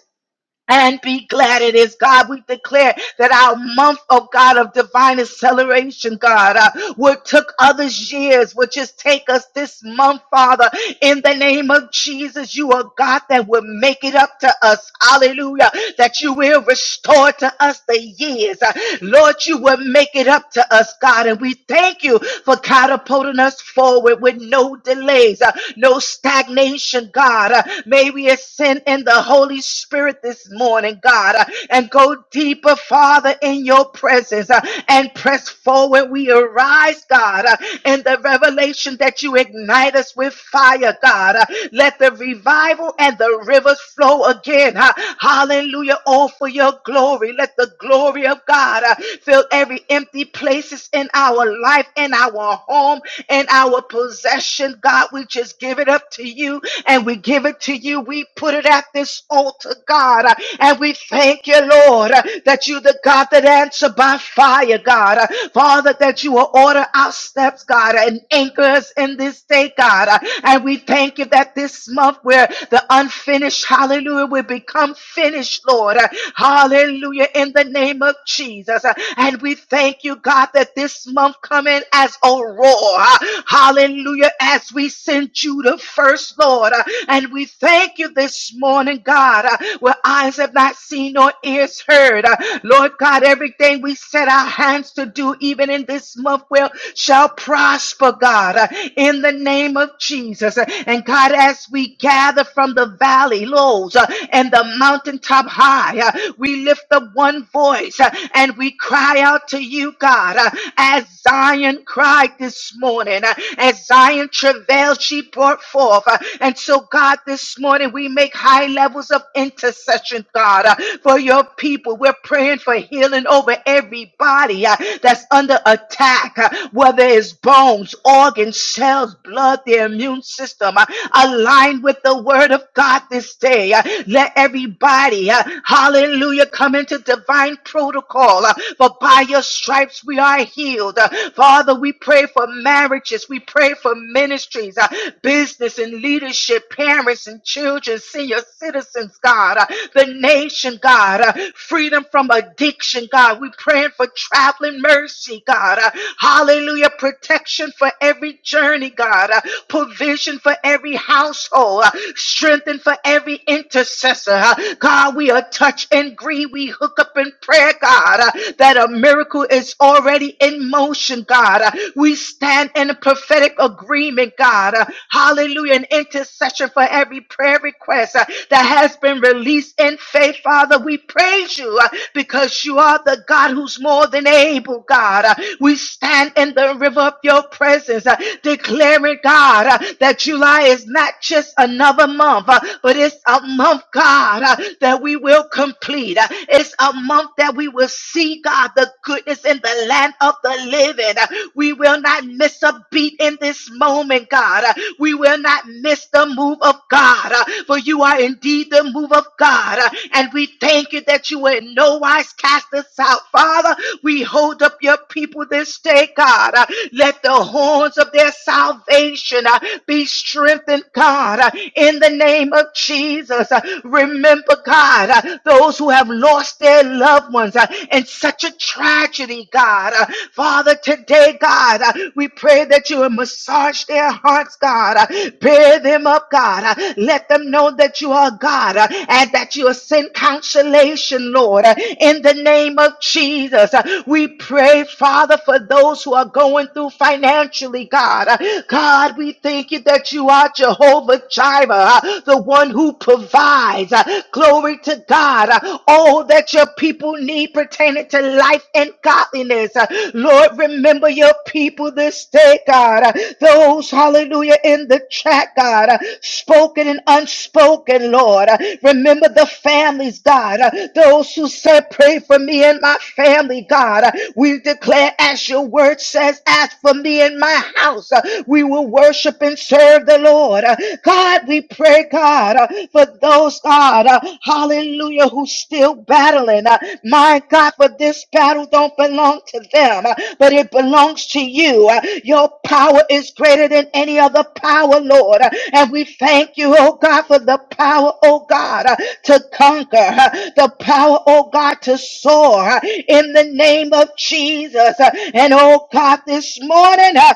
and be glad in it. God, we declare that our month, oh God, of divine acceleration, God, uh, what took others years will just take us this month, Father. In the name of Jesus, you are God that will make it up to us. Hallelujah. That you will restore to us the years. Uh, Lord, you will make it up to us, God. And we thank you for catapulting us forward with no delays, uh, no stagnation, God. Uh, may we ascend in the the Holy Spirit this morning, God, uh, and go deeper, Father, in your presence uh, and press forward. We arise, God, uh, in the revelation that you ignite us with fire, God. Uh, Let the revival and the rivers flow again. uh, Hallelujah. All for your glory. Let the glory of God uh, fill every empty places in our life, in our home, in our possession. God, we just give it up to you and we give it to you. We put it at this altar, God. Uh, And we thank you, Lord, uh, that you the God that answer by fire, God. Uh, Father, that you will order our steps, God, and anchor us in this day, God. Uh, And we thank you that this month where the unfinished, hallelujah, will become finished, Lord. Uh, Hallelujah, in the name of Jesus. Uh, And we thank you, God, that this month coming as a roar. Uh, Hallelujah, as we send you the first first, Lord. Uh, And we thank you this morning, God, uh, where eyes have not seen nor ears heard. Uh, Lord God, everything we set our hands to do, even in this month, will shall prosper, God, uh, in the name of Jesus. Uh, And God, as we gather from the valley lows uh, and the mountaintop high, uh, we lift up one voice uh, and we cry out to you, God, uh, as Zion cried this morning, uh, as Zion travailed travail she brought forth. Uh, And so, God, this morning we make high levels of intercession, God, uh, for your people. We're praying for healing over everybody uh, that's under attack, uh, whether it's bones, organs, cells, blood, their immune system. uh, Align with the word of God this day. Uh, Let everybody, uh, hallelujah, come into divine protocol. uh, For by your stripes we are healed. Uh, Father, we pray for marriage churches. We pray for ministries, uh, business and leadership, parents and children, senior citizens, God, uh, the nation, God, uh, freedom from addiction, God. We praying for traveling mercy, God. uh, hallelujah. Protection for every journey, God. uh, provision for every household, uh, strengthen for every intercessor. uh, God, we are touch and agree. We hook up in prayer, God, uh, that a miracle is already in motion, God. God. Uh, We stand in a prophetic agreement, God. Uh, Hallelujah. An intercession for every prayer request uh, that has been released in faith, Father. We praise you uh, because you are the God who's more than able, God. Uh, We stand in the river of your presence, uh, declaring, God, uh, that July is not just another month, uh, but it's a month, God, uh, that we will complete. Uh, It's a month that we will see, God, the goodness in the land land of the living. We will not miss a beat in this moment, God. We will not miss the move of God, for you are indeed the move of God. And we thank you that you will in no wise cast us out. Father, we hold up your people this day, God. Let the horns of their salvation uh, be strengthened, God, uh, in the name of Jesus. Uh, Remember, God, uh, those who have lost their loved ones uh, in such a such a tragedy, God. Uh, Father, today, God, uh, we pray that you would massage their hearts, God. Uh, Bear them up, God. Uh, Let them know that you are God uh, and that you will send consolation, Lord. Uh, In the name of Jesus, uh, we pray, Father, for those who are going through financially, God. Uh, God, we thank you that you are Jehovah Jireh, uh, the one who provides. Uh, Glory to God. Uh, All that your people people need pertaining to life and godliness. Uh, Lord, remember your people this day, God. Uh, Those, hallelujah, in the chat, God, uh, spoken and unspoken, Lord. Uh, Remember the families, God. Uh, Those who said, Pray for me and my family, God. Uh, We declare, as your word says, As for me and my house, uh, we will worship and serve the Lord. Uh, God, we pray, God, uh, for those, God, uh, hallelujah, who who's still battling. Uh, my God, but this battle don't belong to them, uh, but it belongs to you. Uh, your power is greater than any other power, Lord. Uh, and we thank you, oh God, for the power, oh God, uh, to conquer, uh, the power, oh God, to soar uh, in the name of Jesus. Uh, and oh God, this morning, uh,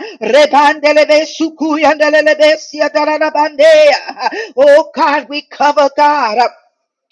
Uh, oh God, we cover God. uh,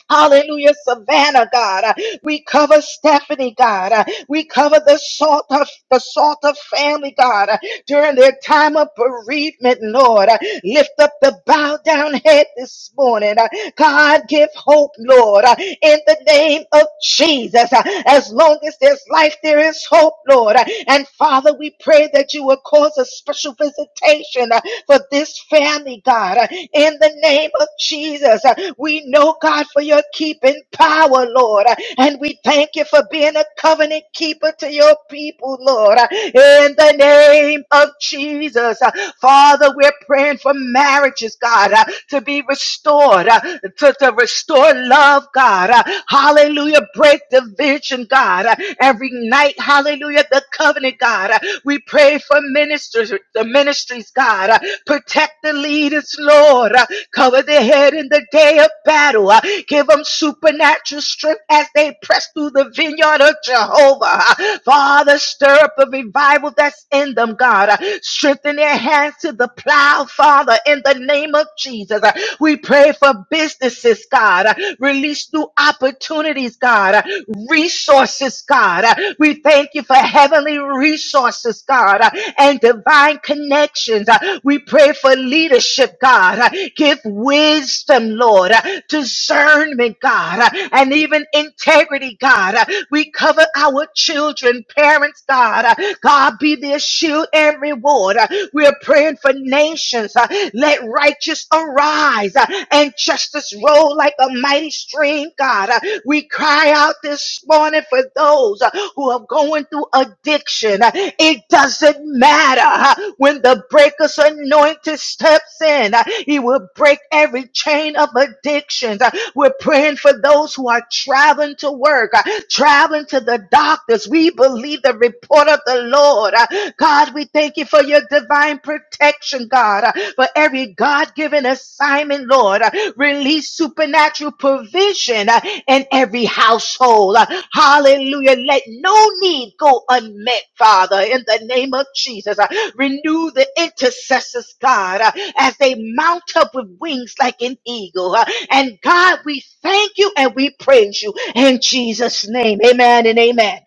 Hallelujah, Savannah, God. Uh, We cover Stephanie, God. Uh, We cover the salt of the salt of family, God, uh, during their time of bereavement, Lord. Uh, Lift up the bowed down head this morning. Uh, God, give hope, Lord, uh, in the name of Jesus. Uh, As long as there's life, there is hope, Lord. Uh, And Father, we pray that you will cause a special visitation for this family, God. Uh, In the name of Jesus, uh, we know, God, for your keeping power, Lord. Uh, And we thank you for being a covenant keeper to your people, Lord. Uh, In the name of Jesus, uh, Father, we're praying for marriages, God, uh, to be restored, uh, to, to restore love, God. Uh, Hallelujah. Break division, God. Uh, Every tonight, hallelujah, the covenant, God. We pray for ministers, the ministries, God. Protect the leaders, Lord. Cover their head in the day of battle. Give them supernatural strength as they press through the vineyard of Jehovah. Father, stir up the revival that's in them, God. Strengthen their hands to the plow, Father, in the name of Jesus. We pray for businesses resources, God. Uh, Release new opportunities, God. Uh, Resources, God. Uh, We thank you for heavenly resources, God, uh, and divine connections. Uh, We pray for leadership, God. Uh, Give wisdom, Lord, uh, discernment, God, uh, and even integrity, God. Uh, We cover our children, parents, God. Uh, God, be their shield and reward. We're praying for nations. uh, Let righteous arise uh, and justice roll like a mighty stream, God. Uh, We cry out this morning for those uh, who are going through addiction. Uh, It doesn't matter uh, when the breaker's anointed steps in, uh, he will break every chain of addictions. Uh, We're praying for those who are traveling to work, uh, traveling to the doctors. We believe the report of the Lord. Uh, God, we thank you for your divine protection, God, uh, for every God given assignment, Lord. Uh, Release supernatural provision uh, in every household. Uh, Hallelujah. Let no need go unmet, Father, in the name of Jesus. Uh, Renew the intercessors, God. uh, as they mount up with wings like an eagle. Uh, And God, we thank you and we praise you in Jesus' name. Amen and amen.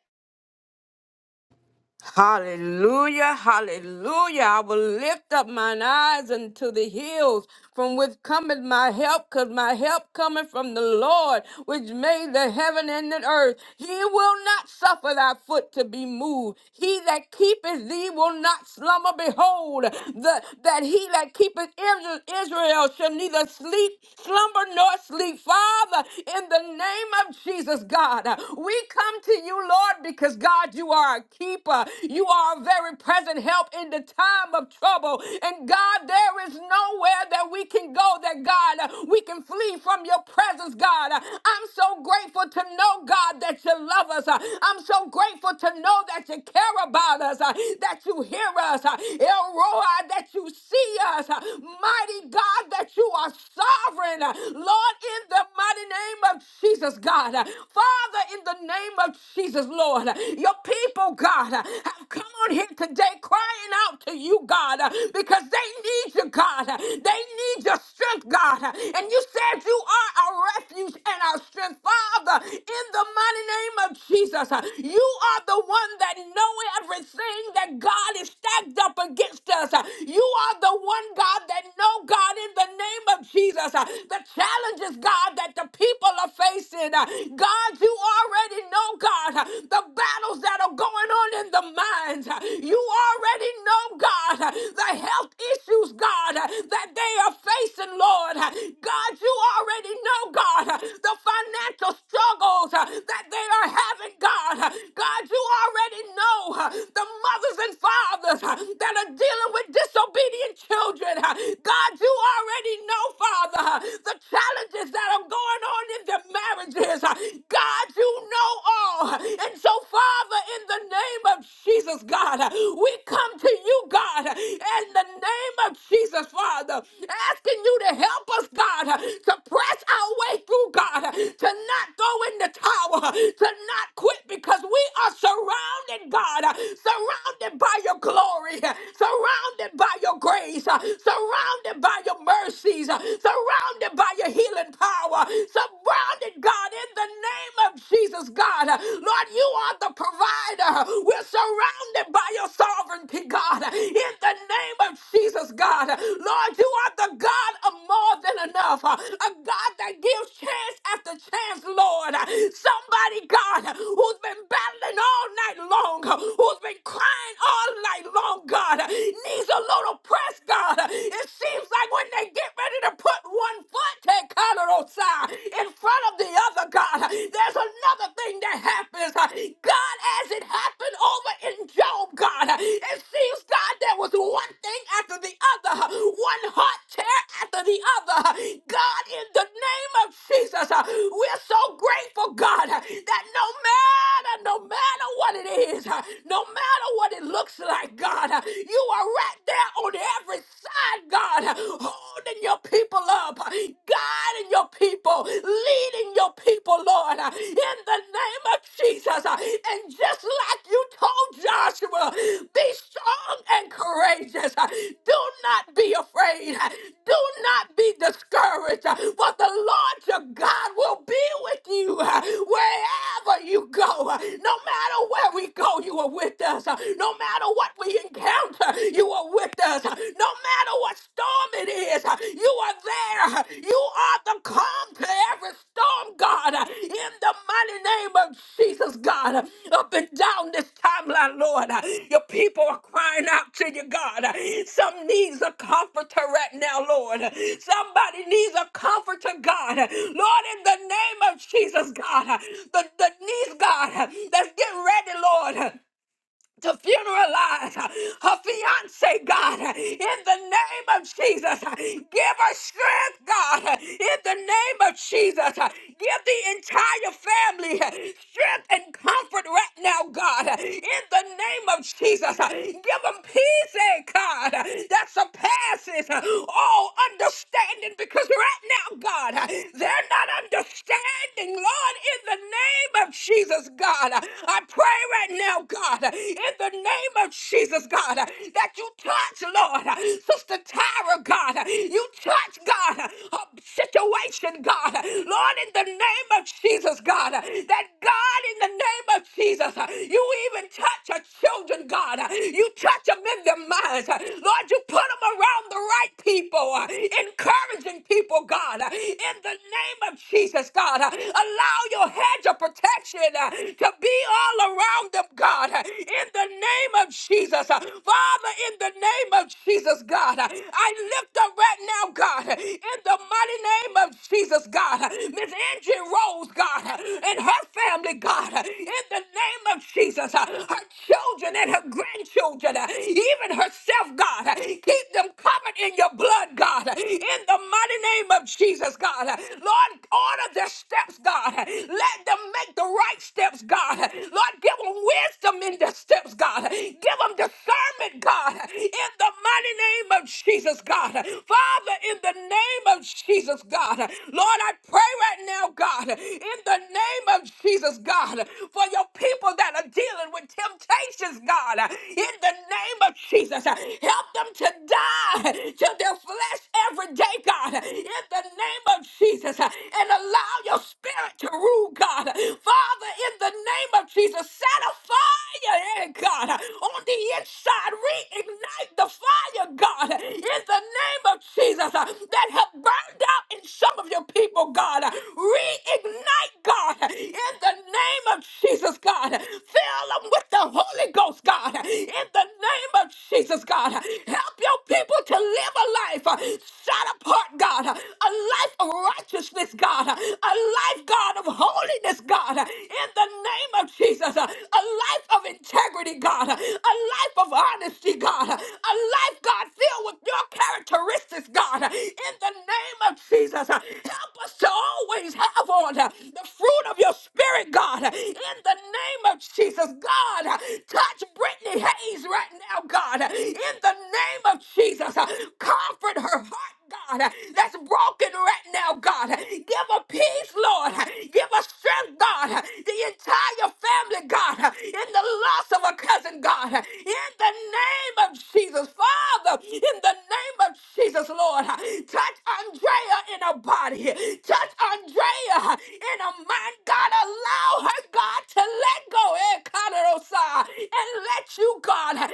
Hallelujah, hallelujah. I will lift up mine eyes unto the hills from which cometh my help, because my help cometh from the Lord, which made the heaven and the earth. He will not suffer thy foot to be moved. He that keepeth thee will not slumber. Behold, the, that he that keepeth Israel Israel shall neither sleep, slumber, nor sleep. Father, in the name of Jesus, God, we come to you, Lord, because God, you are a keeper. You are a very present help in the time of trouble. And God, there is nowhere that we can go that God, uh, we can flee from your presence, God. I'm so grateful to know, God, that you love us. I'm so grateful to know that you care about us, uh, that you hear us, El Roi, that you see us. Mighty God, that you are sovereign. Lord, in the mighty name of Jesus, God. Father, in in the name of Jesus, Lord. Your people, God, have come on here today crying out to you, God, because they need you, God. They need your strength, God. And you said you are our refuge and our strength, Father, in the mighty name of Jesus. You are the one that know everything that God is stacked up against us. You are the one, God, that know, God, in the name of Jesus, the challenges, God, that the people are facing situation. Uh, God, you already know, God, uh, the battles that are going on in the minds. Uh, You already know, God, uh, the health issues, God, uh, that they are facing, Lord. Uh, God, you already know, God, uh, the financial struggles uh, that they are having, God. Uh, God, you already know uh, the mothers and fathers uh, that are dealing with disobedient children. Uh, God, you already know, Father, uh, the challenges marriages that are going on in their marriages. God, you know all. And so, Father, in the name of Jesus, God, we come to you, God, in the name of Jesus, Father, asking you to help us, God, to press our way through, God, to not throw in the towel, to not quit because we are surrounded, God, surrounded by your glory, surrounded by your grace, surrounded by your mercies, surrounded by your healing power, surrounded, God, in the name of Jesus, God. Lord, you are the provider. We're surrounded by your sovereignty, God, in the name of Jesus, God. Lord, you are the God of more than enough, a God that gives chance after chance, Lord. Somebody, God, who's been battling all night long, who's been crying all night long, God, needs a little press, God, it seems like when they get ready to put one foot take side in front of the other, God, there's another thing that happens. God, as it happened over in Job, God, it seems, God, there was one thing after the other, one hot tear after the other. God, in the name of Jesus, we're so grateful, God, that no matter, no matter what it is, no matter what it looks like, God, you are right there on every side, God, holding your people up, guiding your people, leading your people, Lord, in the name of Jesus. And just like you told Joshua, be strong and courageous. Do not be afraid. Do not be discouraged. But the Lord your God will be with you uh, wherever you go. Uh, No matter where we go, you are with us. Uh, No matter what we encounter, you are with us. Uh, No matter what storm it is, uh, you are there. Uh, You are the calm to every storm, God. Uh, In the mighty name of Jesus, God, up and down this timeline, Lord, your people are crying out to you, God. Some needs a comforter right now, Lord. Somebody needs a comforter, God. Lord, in the name of Jesus, God, the, the needs, God, that's getting ready, Lord to funeralize her fiance, God, in the name of Jesus. Give her strength, God, in the name of Jesus. Give the entire family strength and comfort right now, God, in the name of Jesus. Give them peace, eh, God, that surpasses all understanding because right now, God, they're not understanding, Lord, in the name of Jesus, God. I pray pray right now, God, in the name of Jesus, God, that you touch, Lord, Sister Tyra, God, you touch, God, her situation, God, Lord, in the name of Jesus, God, that God, in the name of Jesus, you even touch her children, God, you touch them in their minds, Lord, you put them around the right people, encouraging people, God, in the name of Jesus, God, allow your hedge of protection Spirit uh, to be all around them, God, uh, in the name of Jesus. Uh, Father, in the name of Jesus, God, uh, I lift up right now, God, uh, in the mighty name of Jesus, God, uh, Miss Angie Rose, God, uh, and her family, God, uh, in the name of Jesus, uh, her children and her grandchildren, uh, even herself, God, uh, keep them covered in your blood, God, uh, in the mighty name of Jesus, God. Uh, Lord, order their steps, God, uh, let them make the right steps, God. Lord, give them wisdom in the steps, God. Give them discernment, God, in the mighty name of Jesus, God. Father, in the name of Jesus, God. Lord, I pray right now, God, in the name of Jesus, God, for your people that are dealing with temptations, God, in the name of Jesus. Help them to die to their flesh every day, God, in the name of Jesus, and and allow your spirit to rule, God. Father, in the name of Jesus, set a fire, eh, God, on the inside. Reignite the fire, God, in the name of Jesus, uh, that have burned out in some of your people, God. Reignite, God, in the name of Jesus, God. Fill them with the Holy Ghost, God, in the name of Jesus, God. Help your people to live a life uh, set apart, God, a life of righteousness, God, a life, God, of holiness, God, in the name of Jesus, a life of integrity, God, a life of honesty, God, a life, God, filled with your characteristics, God, in the name of Jesus. Help us to always have on the fruit of your spirit, God, in the name of Jesus, God. Touch Brittany Hayes right now, God, in the name of Jesus. Comfort her heart, God, that's broken right now, God. Give her peace, Lord. Give her strength, God. The entire family, God, in the loss of a cousin, God. In the name of Jesus, Father, in the name of Jesus, Lord. Touch Andrea in her body. Touch Andrea in her mind, God. Allow her, God, to let go, eh, Kanarosa, and let you, God, have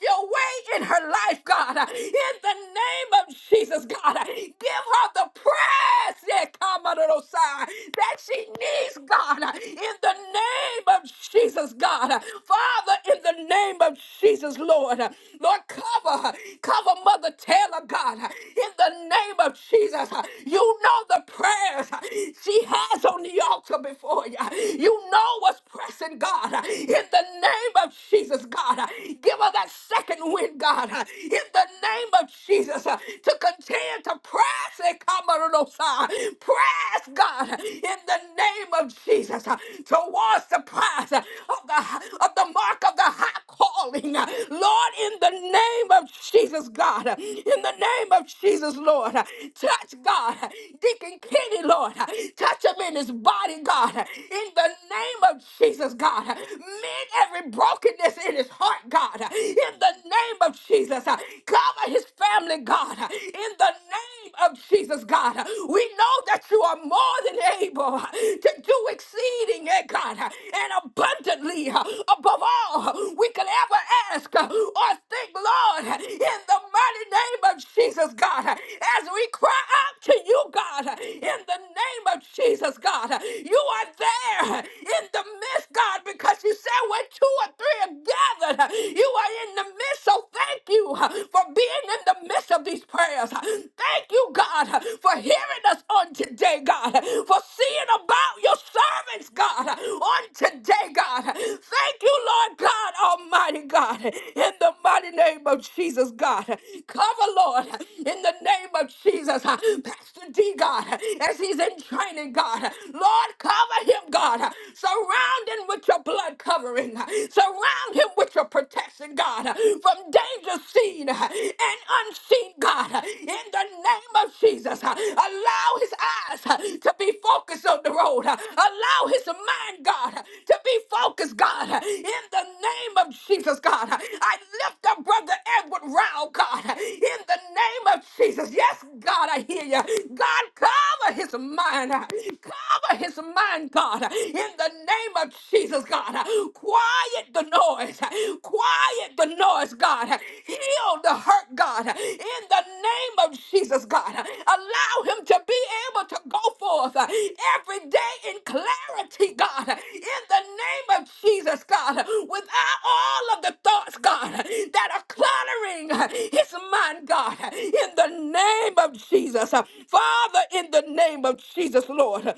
your way in her life, God. In in the name of Jesus, God. Give her the prayers that come under those side that she needs, God, in the name of Jesus, God. Father, in the name of Jesus, Lord. Lord, cover her. Cover Mother Taylor, God, in the name of Jesus. You know the prayers she has on the altar before you. You know what's pressing, God, in the name of Jesus, God. Give her that second wind, God, uh, in the name of Jesus, uh, to continue to press and come on those, uh, press God uh, in the name of Jesus uh, towards the prize uh, of the of the mark of the high calling, uh, Lord, in the name of Jesus, God, uh, in the name of Jesus, Lord, uh, Touch God. Deacon Kenny, Lord. Touch him in his body, God. In the name of Jesus, God. Mend every brokenness in his heart, God. In the name of Jesus. Cover his family, God. In the name of Jesus, God. We know that you are more than able to do exceeding, eh, God, and abundantly above all we could ever or ask uh, or think, Lord, in the mighty name of Jesus, God, as we cry out to you, God, in the name of Jesus, God, you are there in the midst, God, because you said where two or three are gathered, you are in the midst. So thank you for being in the midst of these prayers. Thank you, God, for hearing us on today, God, for seeing about your your servants, God, on today, God. Thank you, Lord God, Almighty God, in the mighty name of Jesus, God. Cover, Lord, in the name of Jesus, Pastor D, God, as he's in training, God. Lord, cover him, God. Surround him with your blood covering. Surround him with your protection, God, from danger seen and unseen, God in the name of Jesus. Uh, Allow his eyes uh, to be focused on the road. Uh, Allow his mind, God, uh, to be focused, God, uh, in the name of Jesus, God. Uh, I lift up Brother Edward Rao, God, uh, in the name of Jesus. Yes, God, I hear you. God, cover his mind. uh, Cover his mind, God, uh, in the name of Jesus, God. Uh, Quiet the noise noise. Quiet the noise, God. Heal the hurt, God. In the name of Jesus, God. Allow him to be able to go forth every day in clarity, God. In the name of Jesus, God. Without all of the thoughts, God, that are cluttering his mind, God. In the name of Jesus. Father, in the name of Jesus, Lord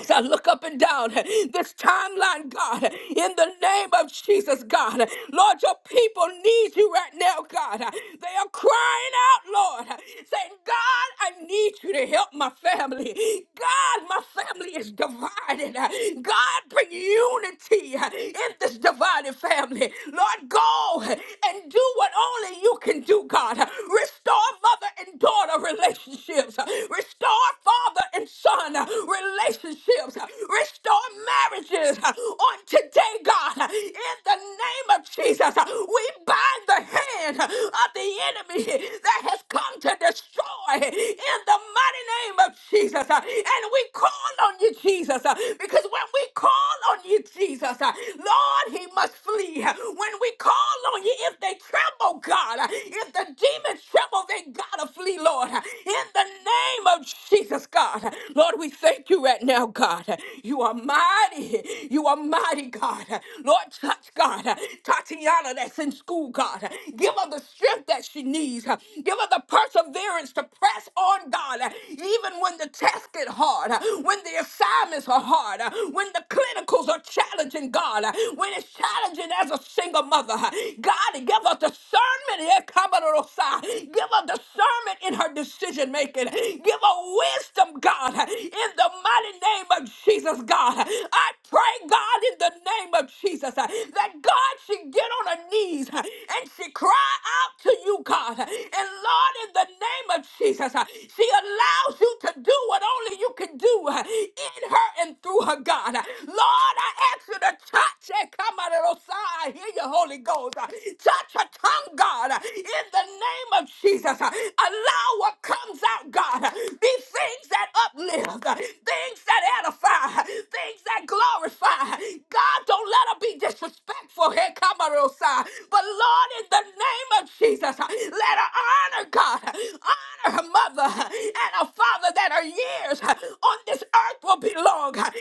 as I look up and down this timeline, God, in the name of Jesus, God, Lord, your people need you right now, God. They are crying out, Lord, saying, God, I need you to help my family. God, my family is divided. God, bring unity in this divided family. Lord, go and and do what only you can do, God. Restore mother and daughter relationships. Restore father and son relationships. Restore marriages on today, God. In the name of Jesus, we bind the hand of the enemy that has come to destroy in the mighty name of Jesus. And we call on you, Jesus, because when we call on you, Jesus, Lord, He must softly when we call on you. If they tremble, God, if the demons tremble, they gotta flee, Lord. In the name of Jesus, God. Lord, we thank you right now, God. You are mighty. You are mighty, God. Lord, touch, God. Tatiana that's in school, God. Give her the strength that she needs. huh. Give her the perseverance to press on, God, uh, even when the test get hard, uh, when the assignments are hard, uh, when the clinicals are challenging, God, uh, when it's challenging as a single mother. uh, God, give her discernment. eh, kabarorosa. Give her discernment in her decision making. Give her wisdom, God, uh, in the mighty name of Jesus, God. I pray, God, in the name of Jesus, uh, that God should get on her knees uh, and she cry out to you, God. And Lord, in the name of Jesus, uh, she allows you to do what only you can do uh, in her and through her, God. Lord, I ask you to touch and come out of those I hear your Holy Ghost. Uh, Touch her tongue, God, uh, in the name of Jesus. uh, Allow what comes out, God, be things that uplift, things that edify, things that glorify. God, don't let her be disrespectful. Here come her, Osai. But Lord, in the name of Jesus, let her honor God, honor her mother and her father that her years on this earth will be long. God,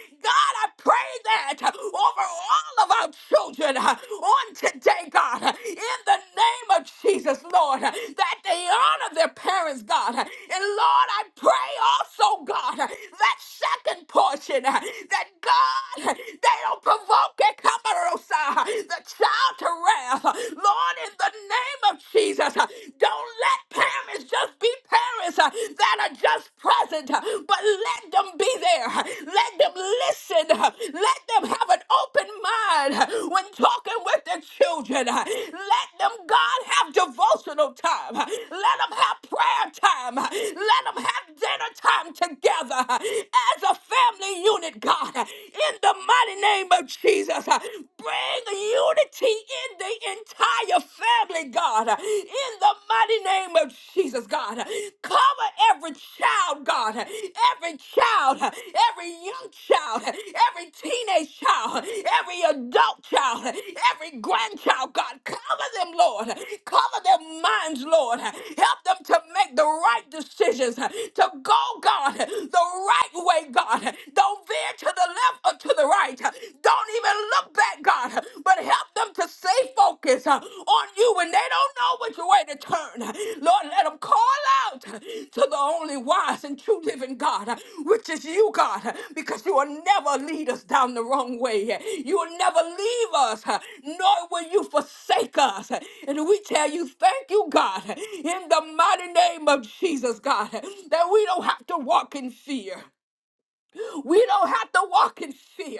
I pray that over all of our children uh, on today, God, uh, in the name of Jesus, Lord, uh, that they honor their parents, God. uh, And Lord, I pray also, God, uh, that second portion, uh, that God, uh, they don't provoke a Kamarosa, uh, the child to wrath. uh, Lord, in the name of Jesus, uh, don't let parents just be parent on mind uh, when talking with their children. uh, Let God have devotion to name of Jesus. Uh, Bring unity in the entire family, God. Uh, In the mighty name of Jesus, God. Uh, Cover every child, God. Uh, Every child, uh, every young child, uh, every teenage child, uh, every adult child, uh, every grandchild, God. Cover them, Lord. Cover their minds, Lord. Help them to make the right decisions, uh, to Go, God, the right way, God. Don't veer to the left or to the right. Don't even look back, God, but help them to stay focused uh, on you when they don't know which way to turn. Lord, let them call out to the only wise and true living God, uh, which is you, God, uh, because you will never lead us down the wrong way. You will never leave us, uh, nor will you you forsake us. And we tell you, thank you, God, in the mighty name of Jesus, God, that we don't have to walk in fear. We don't have to walk in fear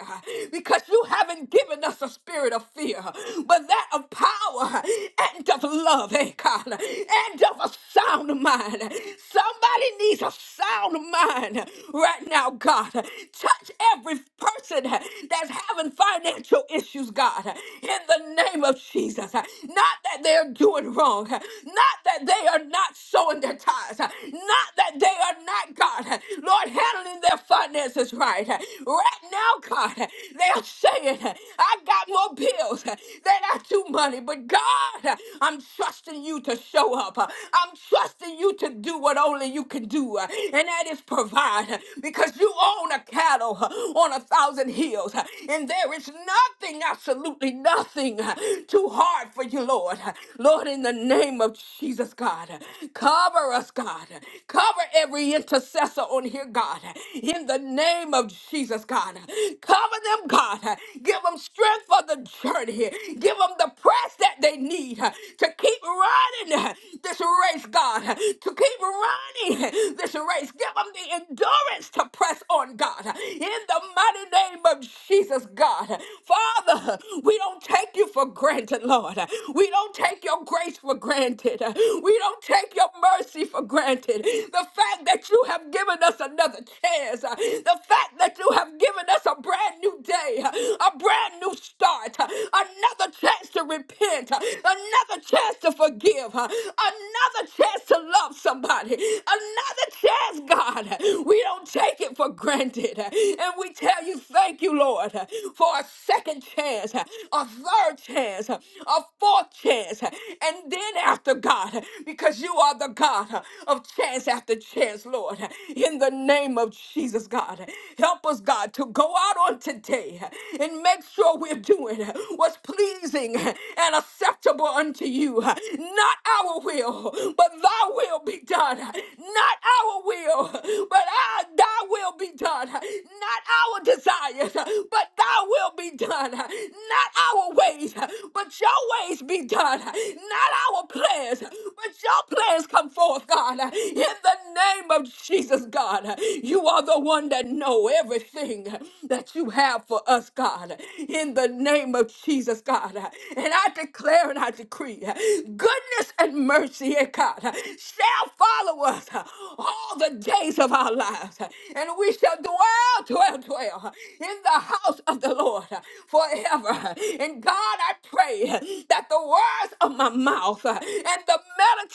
because you haven't given us a spirit of fear, but that of power and of love, eh, God, and of a sound mind. Somebody needs a sound mind right now, God. Touch every person that's having financial issues, God, in the name of Jesus. Not that they're doing wrong, not that they are not sowing their tithes, not that they are not, God. Lord, handle settling their finances right. Right now, God, they are saying, I got more bills than I do money, but God, I'm trusting you to show up. I'm trusting you to do what only you can do, and that is provide because you own a cattle on a thousand hills, and there is nothing, absolutely nothing too hard for you, Lord. Lord, in the name of Jesus, God, cover us, God. Cover every intercessor intercessor on here, God, in the name of Jesus, God. Cover them, God. Give them strength for the journey. Give them the press that they need to keep running this race, God, to keep running this race. Give them the endurance to press on, God, in the mighty name of Jesus, God. Father, we don't take take you for granted, Lord. We don't take your grace for granted. We don't take your mercy for granted. The fact that you have given us another chance, the fact that you have given us a brand new day, a brand new start, another chance to repent, another chance to to forgive, huh? another chance to love somebody, another chance, God. We don't take it for granted. And we tell you, thank you, Lord, for a second chance, a third chance, a fourth chance. And then after God, because you are the God of chance after chance, Lord, in the name of Jesus, God, help us, God, to go out on today and make sure we're doing what's pleasing and acceptable unto you. Not our will, but thy will be done. Not our will, but our, thy will be done. Not our desires, but thy will be done. Not our ways, but your ways be done. Not our plans, but your plans come forth, God. In the name of Jesus, God, you are the one that know everything that you have for us, God. In the name of Jesus, God. And I declare and I decree goodness and mercy, eh, God, shall follow us all the days of our lives. And we shall dwell, dwell, dwell in the house of the Lord forever. And God, I pray that the words of my mouth and the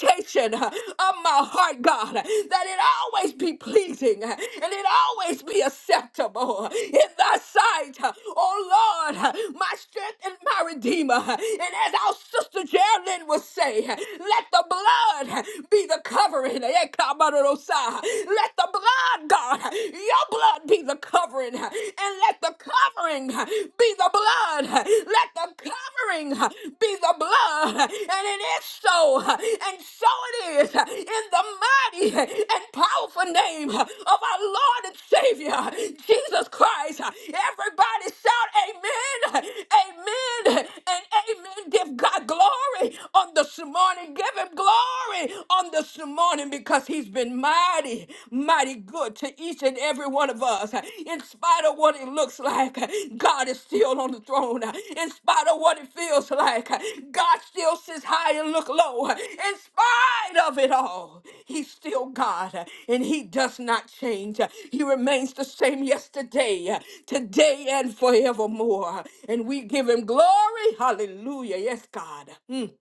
meditation of my heart, God, that it always be pleasing and it always be acceptable in thy sight. Oh Lord, my strength and my redeemer. And as our sister Geraldine would say, let the blood be the covering. Ekabarosa. Let the blood, God, your blood be the covering. And let the covering be the blood. Let the covering uh, be the blood. And it is so. uh, And so it is uh, in the mighty uh, and powerful name uh, of our Lord and Savior, uh, Jesus Christ. Uh, Everybody shout amen, uh, amen, and amen. Give God glory glory on this morning. Give him glory on this morning because he's been mighty, mighty good to each and every one of us. In spite of what it looks like, God is still on the throne. In spite of what it feels like, God still is high and look low. In spite of it all, he's still God and he does not change. He remains the same yesterday, today, and forevermore. And we give him glory. Hallelujah. Yes, God. Mm.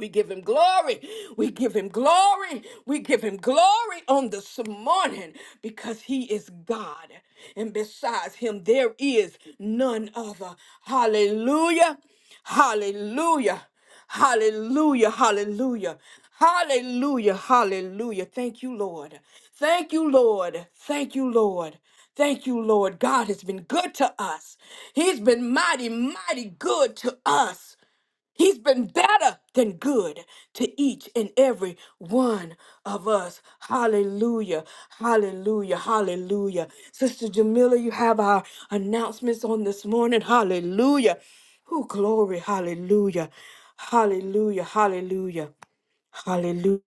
We give him glory. We give him glory. We give him glory on this morning because he is God. And besides him, there is none other. Hallelujah. Hallelujah. Hallelujah. Thank you, Lord. Thank you, Lord. Lord, God has been good to us. He's been mighty, mighty good to us. He's been better than good to each and every one of us. Hallelujah. Hallelujah. Hallelujah. Sister Jamila, you have our announcements on this morning. Hallelujah. Oh, glory. Hallelujah. Hallelujah. Hallelujah. Hallelujah.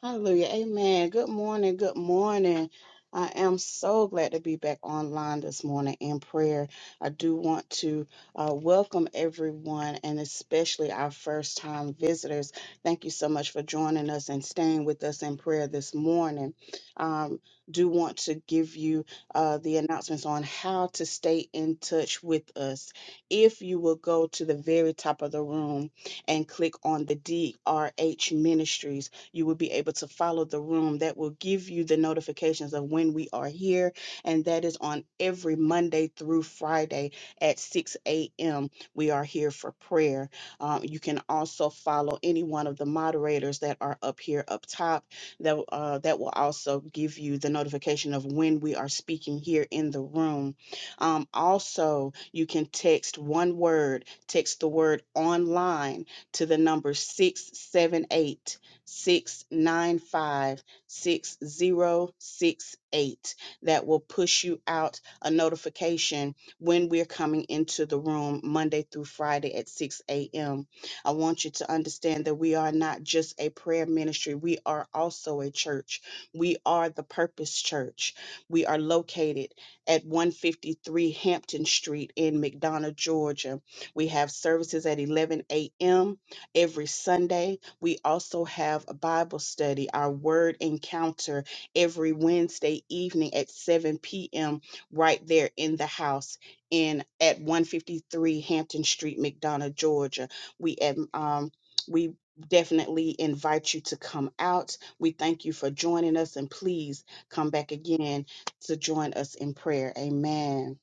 Hallelujah. Amen. Good morning. Good morning. I am so glad to be back online this morning in prayer. I do want to uh, welcome everyone and especially our first time visitors. Thank you so much for joining us and staying with us in prayer this morning. Um, do want to give you uh, the announcements on how to stay in touch with us. If you will go to the very top of the room and click on the DRH Ministries, you will be able to follow the room that will give you the notifications of when we are here. And that is on every Monday through Friday at 6 a.m. We are here for prayer. Um, you can also follow any one of the moderators that are up here up top that, uh, that will also give you the notification of when we are speaking here in the room. Um, also, you can text one word, text the word online to the number 678 six nine five six zero six eight. That will push you out a notification when we're coming into the room Monday through Friday at 6 a.m. I want you to understand that we are not just a prayer ministry, we are also a church. We are the Purpose Church. We are located at 153 Hampton Street in McDonough, Georgia. We have services at 11 a.m. every Sunday we also have a Bible study, our word encounter every Wednesday evening at 7 p.m. right there in the house in at 153 Hampton Street, McDonough, Georgia. We um um, we definitely invite you to come out. We thank you for joining us and please come back again to join us in prayer. Amen.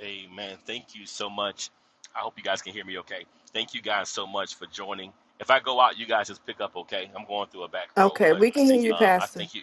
Amen. Thank you so much. I hope you guys can hear me okay. Thank you guys so much for joining. If I go out, you guys just pick up okay. I'm going through a back road,
Okay,
but
we can hear you,
um, I
Pastor.
thank you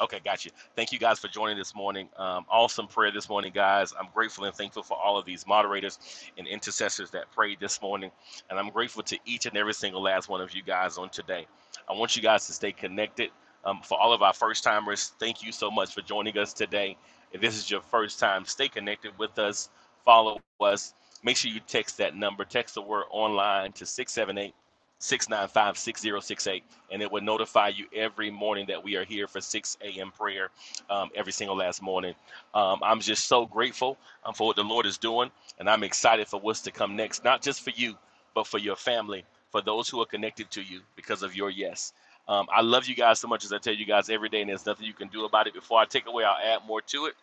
Okay, got you. Thank you guys for joining this morning. Um, awesome prayer this morning, guys. I'm grateful and thankful for all of these moderators and intercessors that prayed this morning. And I'm grateful to each and every single last one of you guys on today. I want you guys to stay connected. Um, for all of our first timers, thank you so much for joining us today. If this is your first time, stay connected with us, follow us. Make sure you text that number, text the word online to 678 695 6068 and it would notify you every morning that we are here for 6 a.m. prayer um, every single last morning. Um, I'm just so grateful um, for what the Lord is doing, and I'm excited for what's to come next, not just for you, but for your family, for those who are connected to you because of your yes. Um, I love you guys so much as I tell you guys every day, and there's nothing you can do about it. Before I take away, I'll add more to it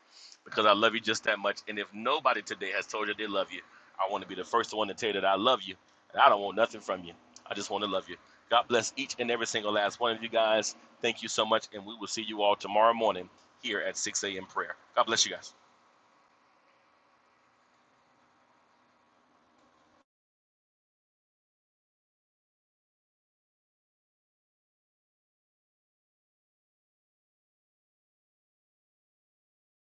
because I love you just that much. And if nobody today has told you they love you, I want to be the first one to tell you that I love you. And I don't want nothing from you. I just want to love you. God bless each and every single last one of you guys. Thank you so much. And we will see you all tomorrow morning here at 6 a.m. prayer. God bless you guys.